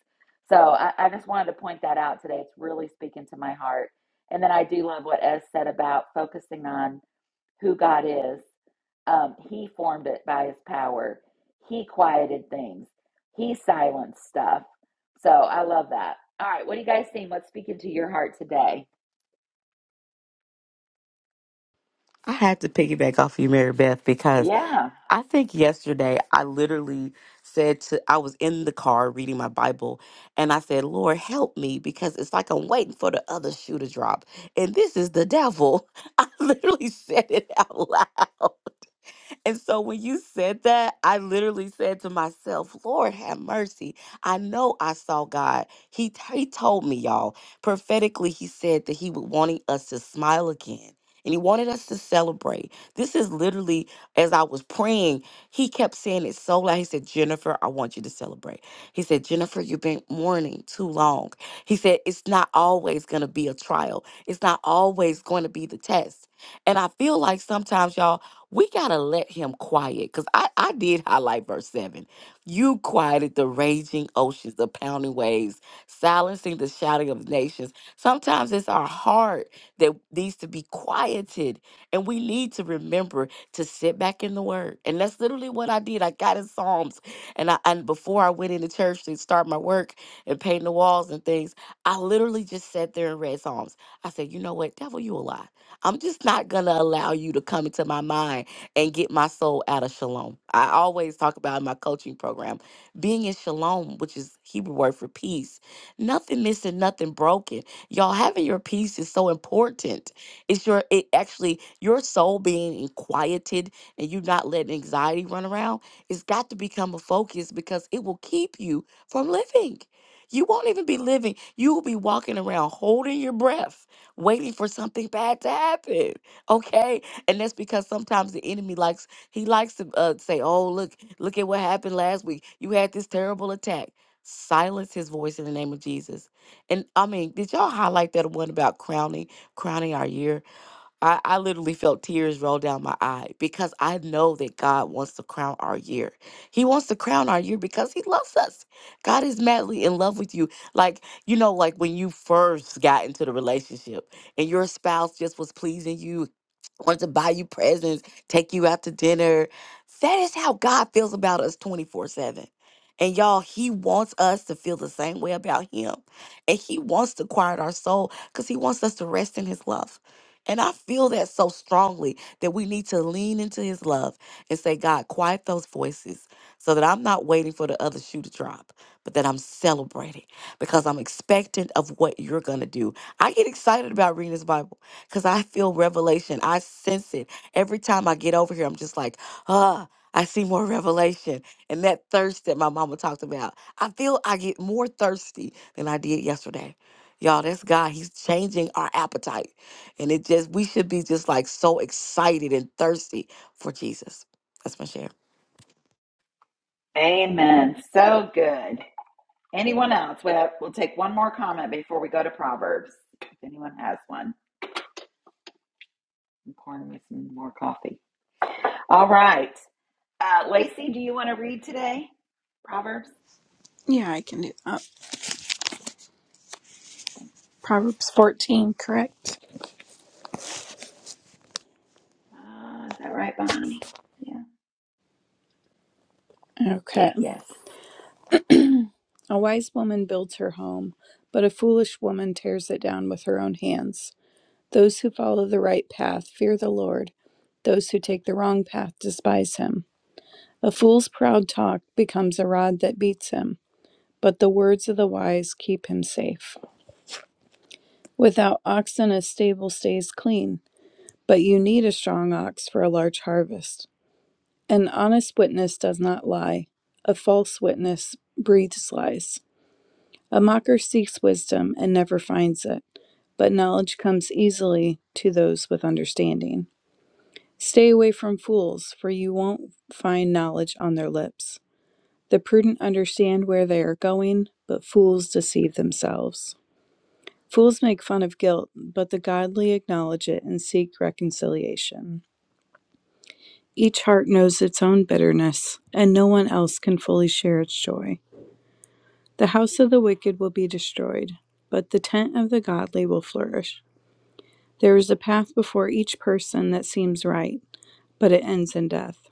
So I, I just wanted to point that out today. It's really speaking to my heart. And then I do love what Ez said about focusing on who God is. Um, he formed it by his power. He quieted things. He silenced stuff. So I love that. All right, what are you guys seeing? What's speaking to your heart today? I had to piggyback off you, Mary Beth, because. Yeah. I think yesterday I literally said to I was in the car reading my Bible and I said, "Lord, help me because it's like I'm waiting for the other shoe to drop and this is the devil." I literally said it out loud. And so when you said that, I literally said to myself, Lord, have mercy. I know I saw God. He, he told me, y'all, prophetically, he said that he was wanting us to smile again. And he wanted us to celebrate. This is literally, as I was praying, he kept saying it so loud. He said, Jennifer, I want you to celebrate. He said, Jennifer, you've been mourning too long. He said, it's not always going to be a trial, it's not always going to be the test. And I feel like sometimes, y'all, we gotta let him quiet because I, I did highlight verse 7 you quieted the raging oceans the pounding waves silencing the shouting of nations sometimes it's our heart that needs to be quieted and we need to remember to sit back in the word and that's literally what i did i got in psalms and i and before i went into church to start my work and paint the walls and things i literally just sat there and read psalms i said you know what devil you a lie I'm just not going to allow you to come into my mind and get my soul out of shalom. I always talk about in my coaching program being in shalom, which is Hebrew word for peace. Nothing missing, nothing broken. Y'all having your peace is so important. It's your it actually your soul being in quieted and you not letting anxiety run around. It's got to become a focus because it will keep you from living. You won't even be living. You will be walking around holding your breath waiting for something bad to happen. Okay, and that's because sometimes the enemy likes he likes to uh, say, "Oh, look, look at what happened last week. You had this terrible attack." Silence his voice in the name of Jesus. And I mean, did y'all highlight that one about crowning, crowning our year? I, I literally felt tears roll down my eye because I know that God wants to crown our year. He wants to crown our year because He loves us. God is madly in love with you. Like, you know, like when you first got into the relationship and your spouse just was pleasing you, wanted to buy you presents, take you out to dinner. That is how God feels about us 24 7. And y'all, He wants us to feel the same way about Him. And He wants to quiet our soul because He wants us to rest in His love. And I feel that so strongly that we need to lean into his love and say, God, quiet those voices so that I'm not waiting for the other shoe to drop, but that I'm celebrating because I'm expectant of what you're going to do. I get excited about reading this Bible because I feel revelation. I sense it. Every time I get over here, I'm just like, ah. I see more revelation and that thirst that my mama talked about. I feel I get more thirsty than I did yesterday. Y'all, that's God. He's changing our appetite. And it just, we should be just like so excited and thirsty for Jesus. That's my share. Amen. So good. Anyone else? We have, we'll take one more comment before we go to Proverbs. If anyone has one, I'm pouring me some more coffee. All right. Uh, Lacey, do you want to read today? Proverbs? Yeah, I can do that. Proverbs 14, correct? Uh, is that right, Bonnie? Yeah. Okay. Yes. A wise woman builds her home, but a foolish woman tears it down with her own hands. Those who follow the right path fear the Lord. Those who take the wrong path despise him. A fool's proud talk becomes a rod that beats him, but the words of the wise keep him safe. Without oxen, a stable stays clean, but you need a strong ox for a large harvest. An honest witness does not lie. A false witness breathes lies. A mocker seeks wisdom and never finds it, but knowledge comes easily to those with understanding. Stay away from fools, for you won't find knowledge on their lips. The prudent understand where they are going, but fools deceive themselves. Fools make fun of guilt, but the godly acknowledge it and seek reconciliation. Each heart knows its own bitterness, and no one else can fully share its joy. The house of the wicked will be destroyed, but the tent of the godly will flourish. There is a path before each person that seems right, but it ends in death.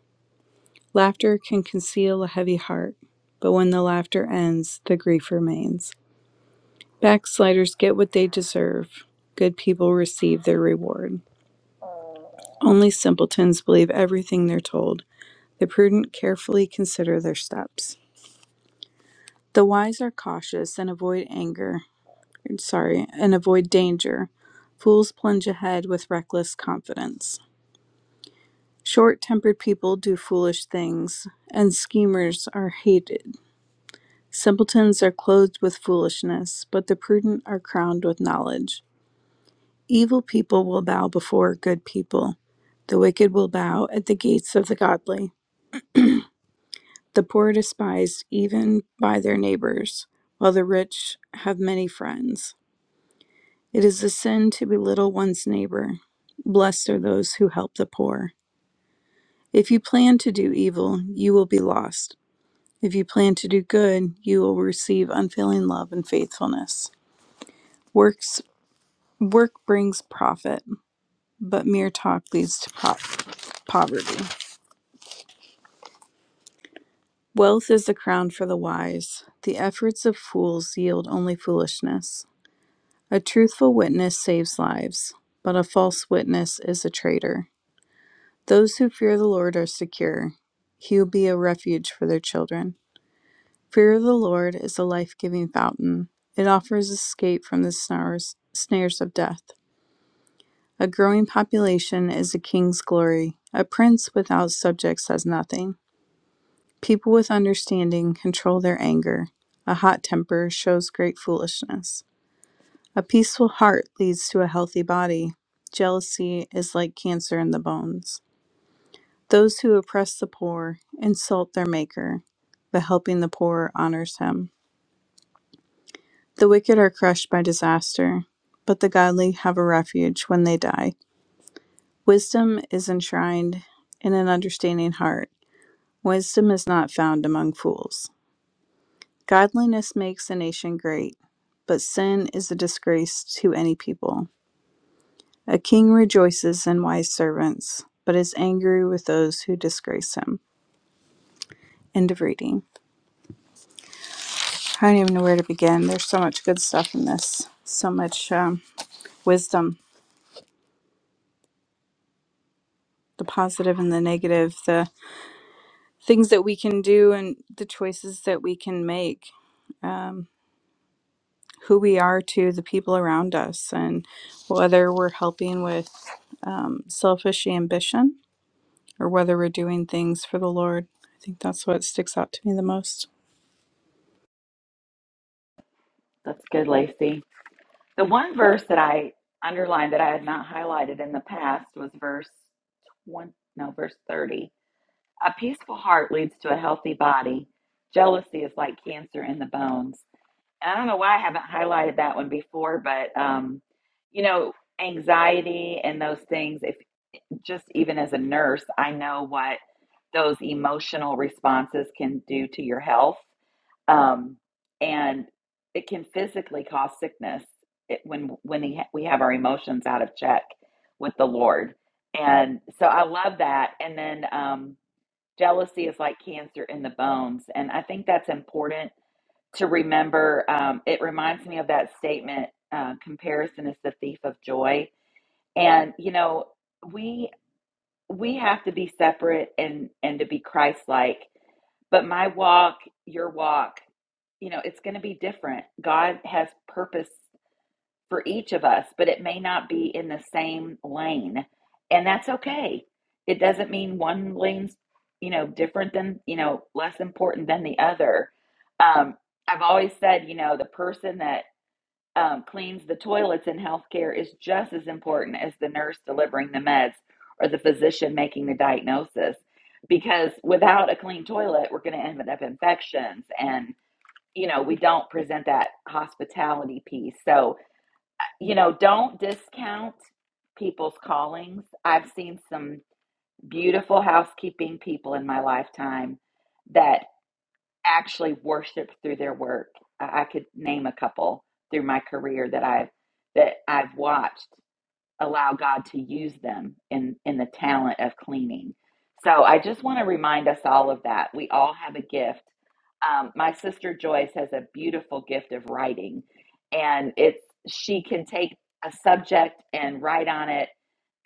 Laughter can conceal a heavy heart, but when the laughter ends, the grief remains. Backsliders get what they deserve, good people receive their reward. Only simpletons believe everything they're told, the prudent carefully consider their steps. The wise are cautious and avoid anger sorry, and avoid danger. Fools plunge ahead with reckless confidence. Short tempered people do foolish things, and schemers are hated. Simpletons are clothed with foolishness, but the prudent are crowned with knowledge. Evil people will bow before good people. The wicked will bow at the gates of the godly. The poor are despised even by their neighbors, while the rich have many friends. It is a sin to belittle one's neighbor. Blessed are those who help the poor. If you plan to do evil, you will be lost. If you plan to do good, you will receive unfailing love and faithfulness. Works work brings profit, but mere talk leads to po- poverty. Wealth is the crown for the wise. The efforts of fools yield only foolishness. A truthful witness saves lives, but a false witness is a traitor. Those who fear the Lord are secure. He will be a refuge for their children. Fear of the Lord is a life giving fountain. It offers escape from the snars, snares of death. A growing population is a king's glory. A prince without subjects has nothing. People with understanding control their anger. A hot temper shows great foolishness. A peaceful heart leads to a healthy body. Jealousy is like cancer in the bones. Those who oppress the poor insult their Maker, but helping the poor honors him. The wicked are crushed by disaster, but the godly have a refuge when they die. Wisdom is enshrined in an understanding heart. Wisdom is not found among fools. Godliness makes a nation great, but sin is a disgrace to any people. A king rejoices in wise servants, but is angry with those who disgrace him. End of reading. I don't even know where to begin. There's so much good stuff in this, so much um, wisdom, the positive and the negative, the things that we can do and the choices that we can make, um, who we are to the people around us, and whether we're helping with um, selfish ambition or whether we're doing things for the Lord. I think that's what sticks out to me the most. That's good, Lacey. The one verse that I underlined that I had not highlighted in the past was verse 20, no, verse 30. A peaceful heart leads to a healthy body. Jealousy is like cancer in the bones. And I don't know why I haven't highlighted that one before, but um, you know, anxiety and those things, if just even as a nurse, I know what those emotional responses can do to your health. Um, and it can physically cause sickness it, when when he, we have our emotions out of check with the Lord. And so I love that. And then um, jealousy is like cancer in the bones. And I think that's important to remember. Um, it reminds me of that statement uh, comparison is the thief of joy. And, you know, we we have to be separate and and to be Christ-like. But my walk, your walk, you know, it's going to be different. God has purpose for each of us, but it may not be in the same lane. And that's okay. It doesn't mean one lane's, you know, different than, you know, less important than the other. Um, I've always said, you know, the person that um, cleans the toilets in healthcare is just as important as the nurse delivering the meds or the physician making the diagnosis. Because without a clean toilet, we're going to end up with infections. And, you know, we don't present that hospitality piece. So, you know, don't discount people's callings. I've seen some beautiful housekeeping people in my lifetime that actually worship through their work. I I could name a couple through my career that I've that I've watched allow God to use them in, in the talent of cleaning. So I just want to remind us all of that. We all have a gift. Um, my sister Joyce has a beautiful gift of writing, and it's she can take a subject and write on it,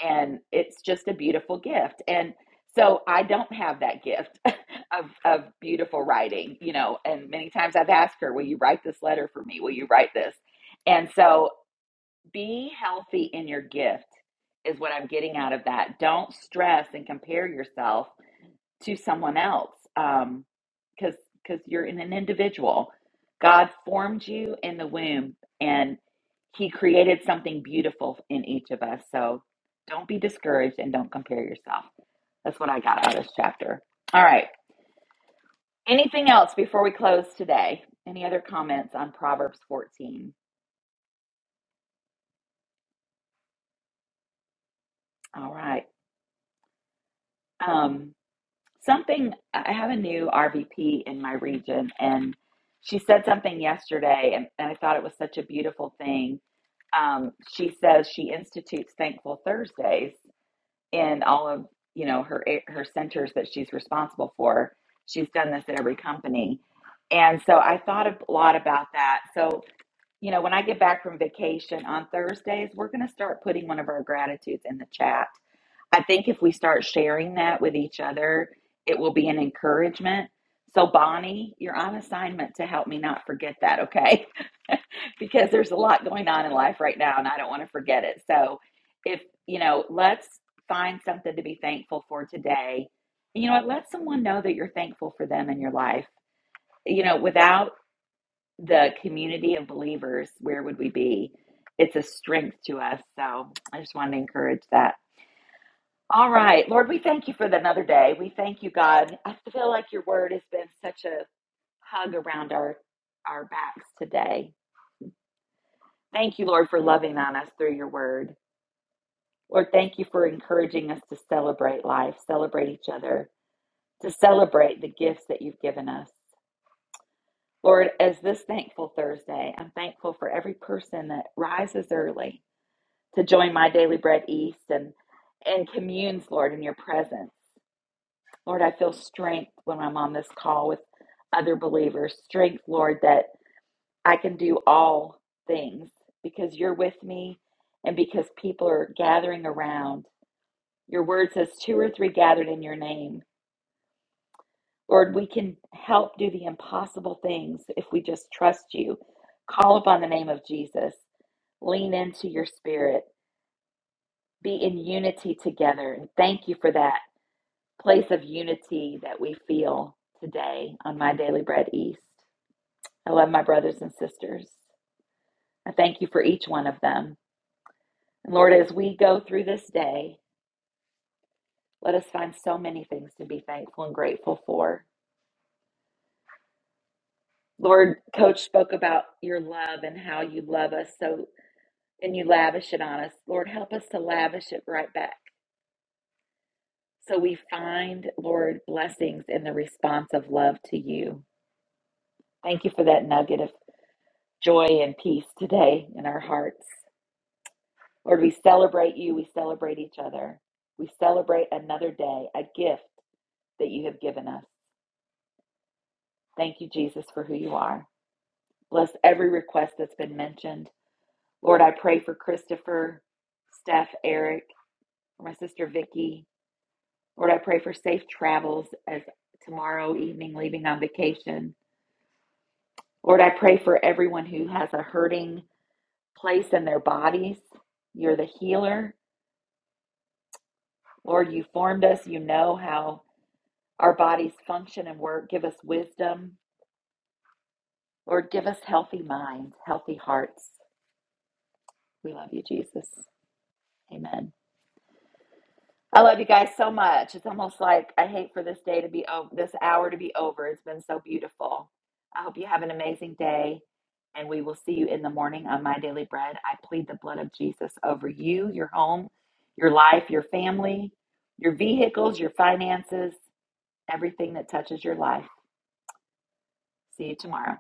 and it's just a beautiful gift. And so I don't have that gift of of beautiful writing, you know. And many times I've asked her, "Will you write this letter for me? Will you write this?" And so be healthy in your gift is what I'm getting out of that. Don't stress and compare yourself to someone else um, because because you're an individual. God formed you in the womb and he created something beautiful in each of us. So don't be discouraged and don't compare yourself. That's what I got out of this chapter. All right. Anything else before we close today? Any other comments on Proverbs 14? All right. Um, Something, I have a new RVP in my region, and she said something yesterday, and, and I thought it was such a beautiful thing. Um, she says she institutes Thankful Thursdays in all of, you know, her her centers that she's responsible for. She's done this at every company. And so I thought a lot about that. So, you know, when I get back from vacation on Thursdays, we're going to start putting one of our gratitudes in the chat I think if we start sharing that with each other, it will be an encouragement. So, Bonnie, you're on assignment to help me not forget that, okay? because there's a lot going on in life right now and I don't want to forget it. So, if you know, let's find something to be thankful for today. you know what? Let someone know that you're thankful for them in your life. You know, without the community of believers, where would we be? It's a strength to us. So, I just wanted to encourage that. All right, Lord, we thank you for another day. We thank you, God. I feel like your word has been such a hug around our our backs today. Thank you, Lord, for loving on us through your word. Lord, thank you for encouraging us to celebrate life, celebrate each other, to celebrate the gifts that you've given us. Lord, as this thankful Thursday, I'm thankful for every person that rises early to join my daily bread east and and communes, Lord, in your presence. Lord, I feel strength when I'm on this call with other believers. Strength, Lord, that I can do all things because you're with me and because people are gathering around. Your word says, two or three gathered in your name. Lord, we can help do the impossible things if we just trust you. Call upon the name of Jesus. Lean into your spirit. Be in unity together. And thank you for that. place of unity that we feel today on My Daily Bread East. I love my brothers and sisters. I thank you for each one of them. And Lord, as we go through this day, let us find so many things to be thankful and grateful for. Lord, Coach spoke about your love and how you love us so and you lavish it on us. Lord, help us to lavish it right back. So we find, Lord, blessings in the response of love to you. Thank you for that nugget of joy and peace today in our hearts. Lord, we celebrate you. We celebrate each other. We celebrate another day, a gift that you have given us. Thank you, Jesus, for who you are. Bless every request that's been mentioned. Lord, I pray for Christopher, Steph, Eric, my sister Vicky. Lord, I pray for safe travels as tomorrow evening leaving on vacation. Lord, I pray for everyone who has a hurting place in their bodies. You're the healer. Lord, you formed us. You know how our bodies function and work. Give us wisdom. Lord, give us healthy minds, healthy hearts. We love you, Jesus. Amen. I love you guys so much. It's almost like I hate for this day to be over, this hour to be over. It's been so beautiful. I hope you have an amazing day, and we will see you in the morning on My Daily Bread. I plead the blood of Jesus over you, your home, your life, your family, your vehicles, your finances, everything that touches your life. See you tomorrow.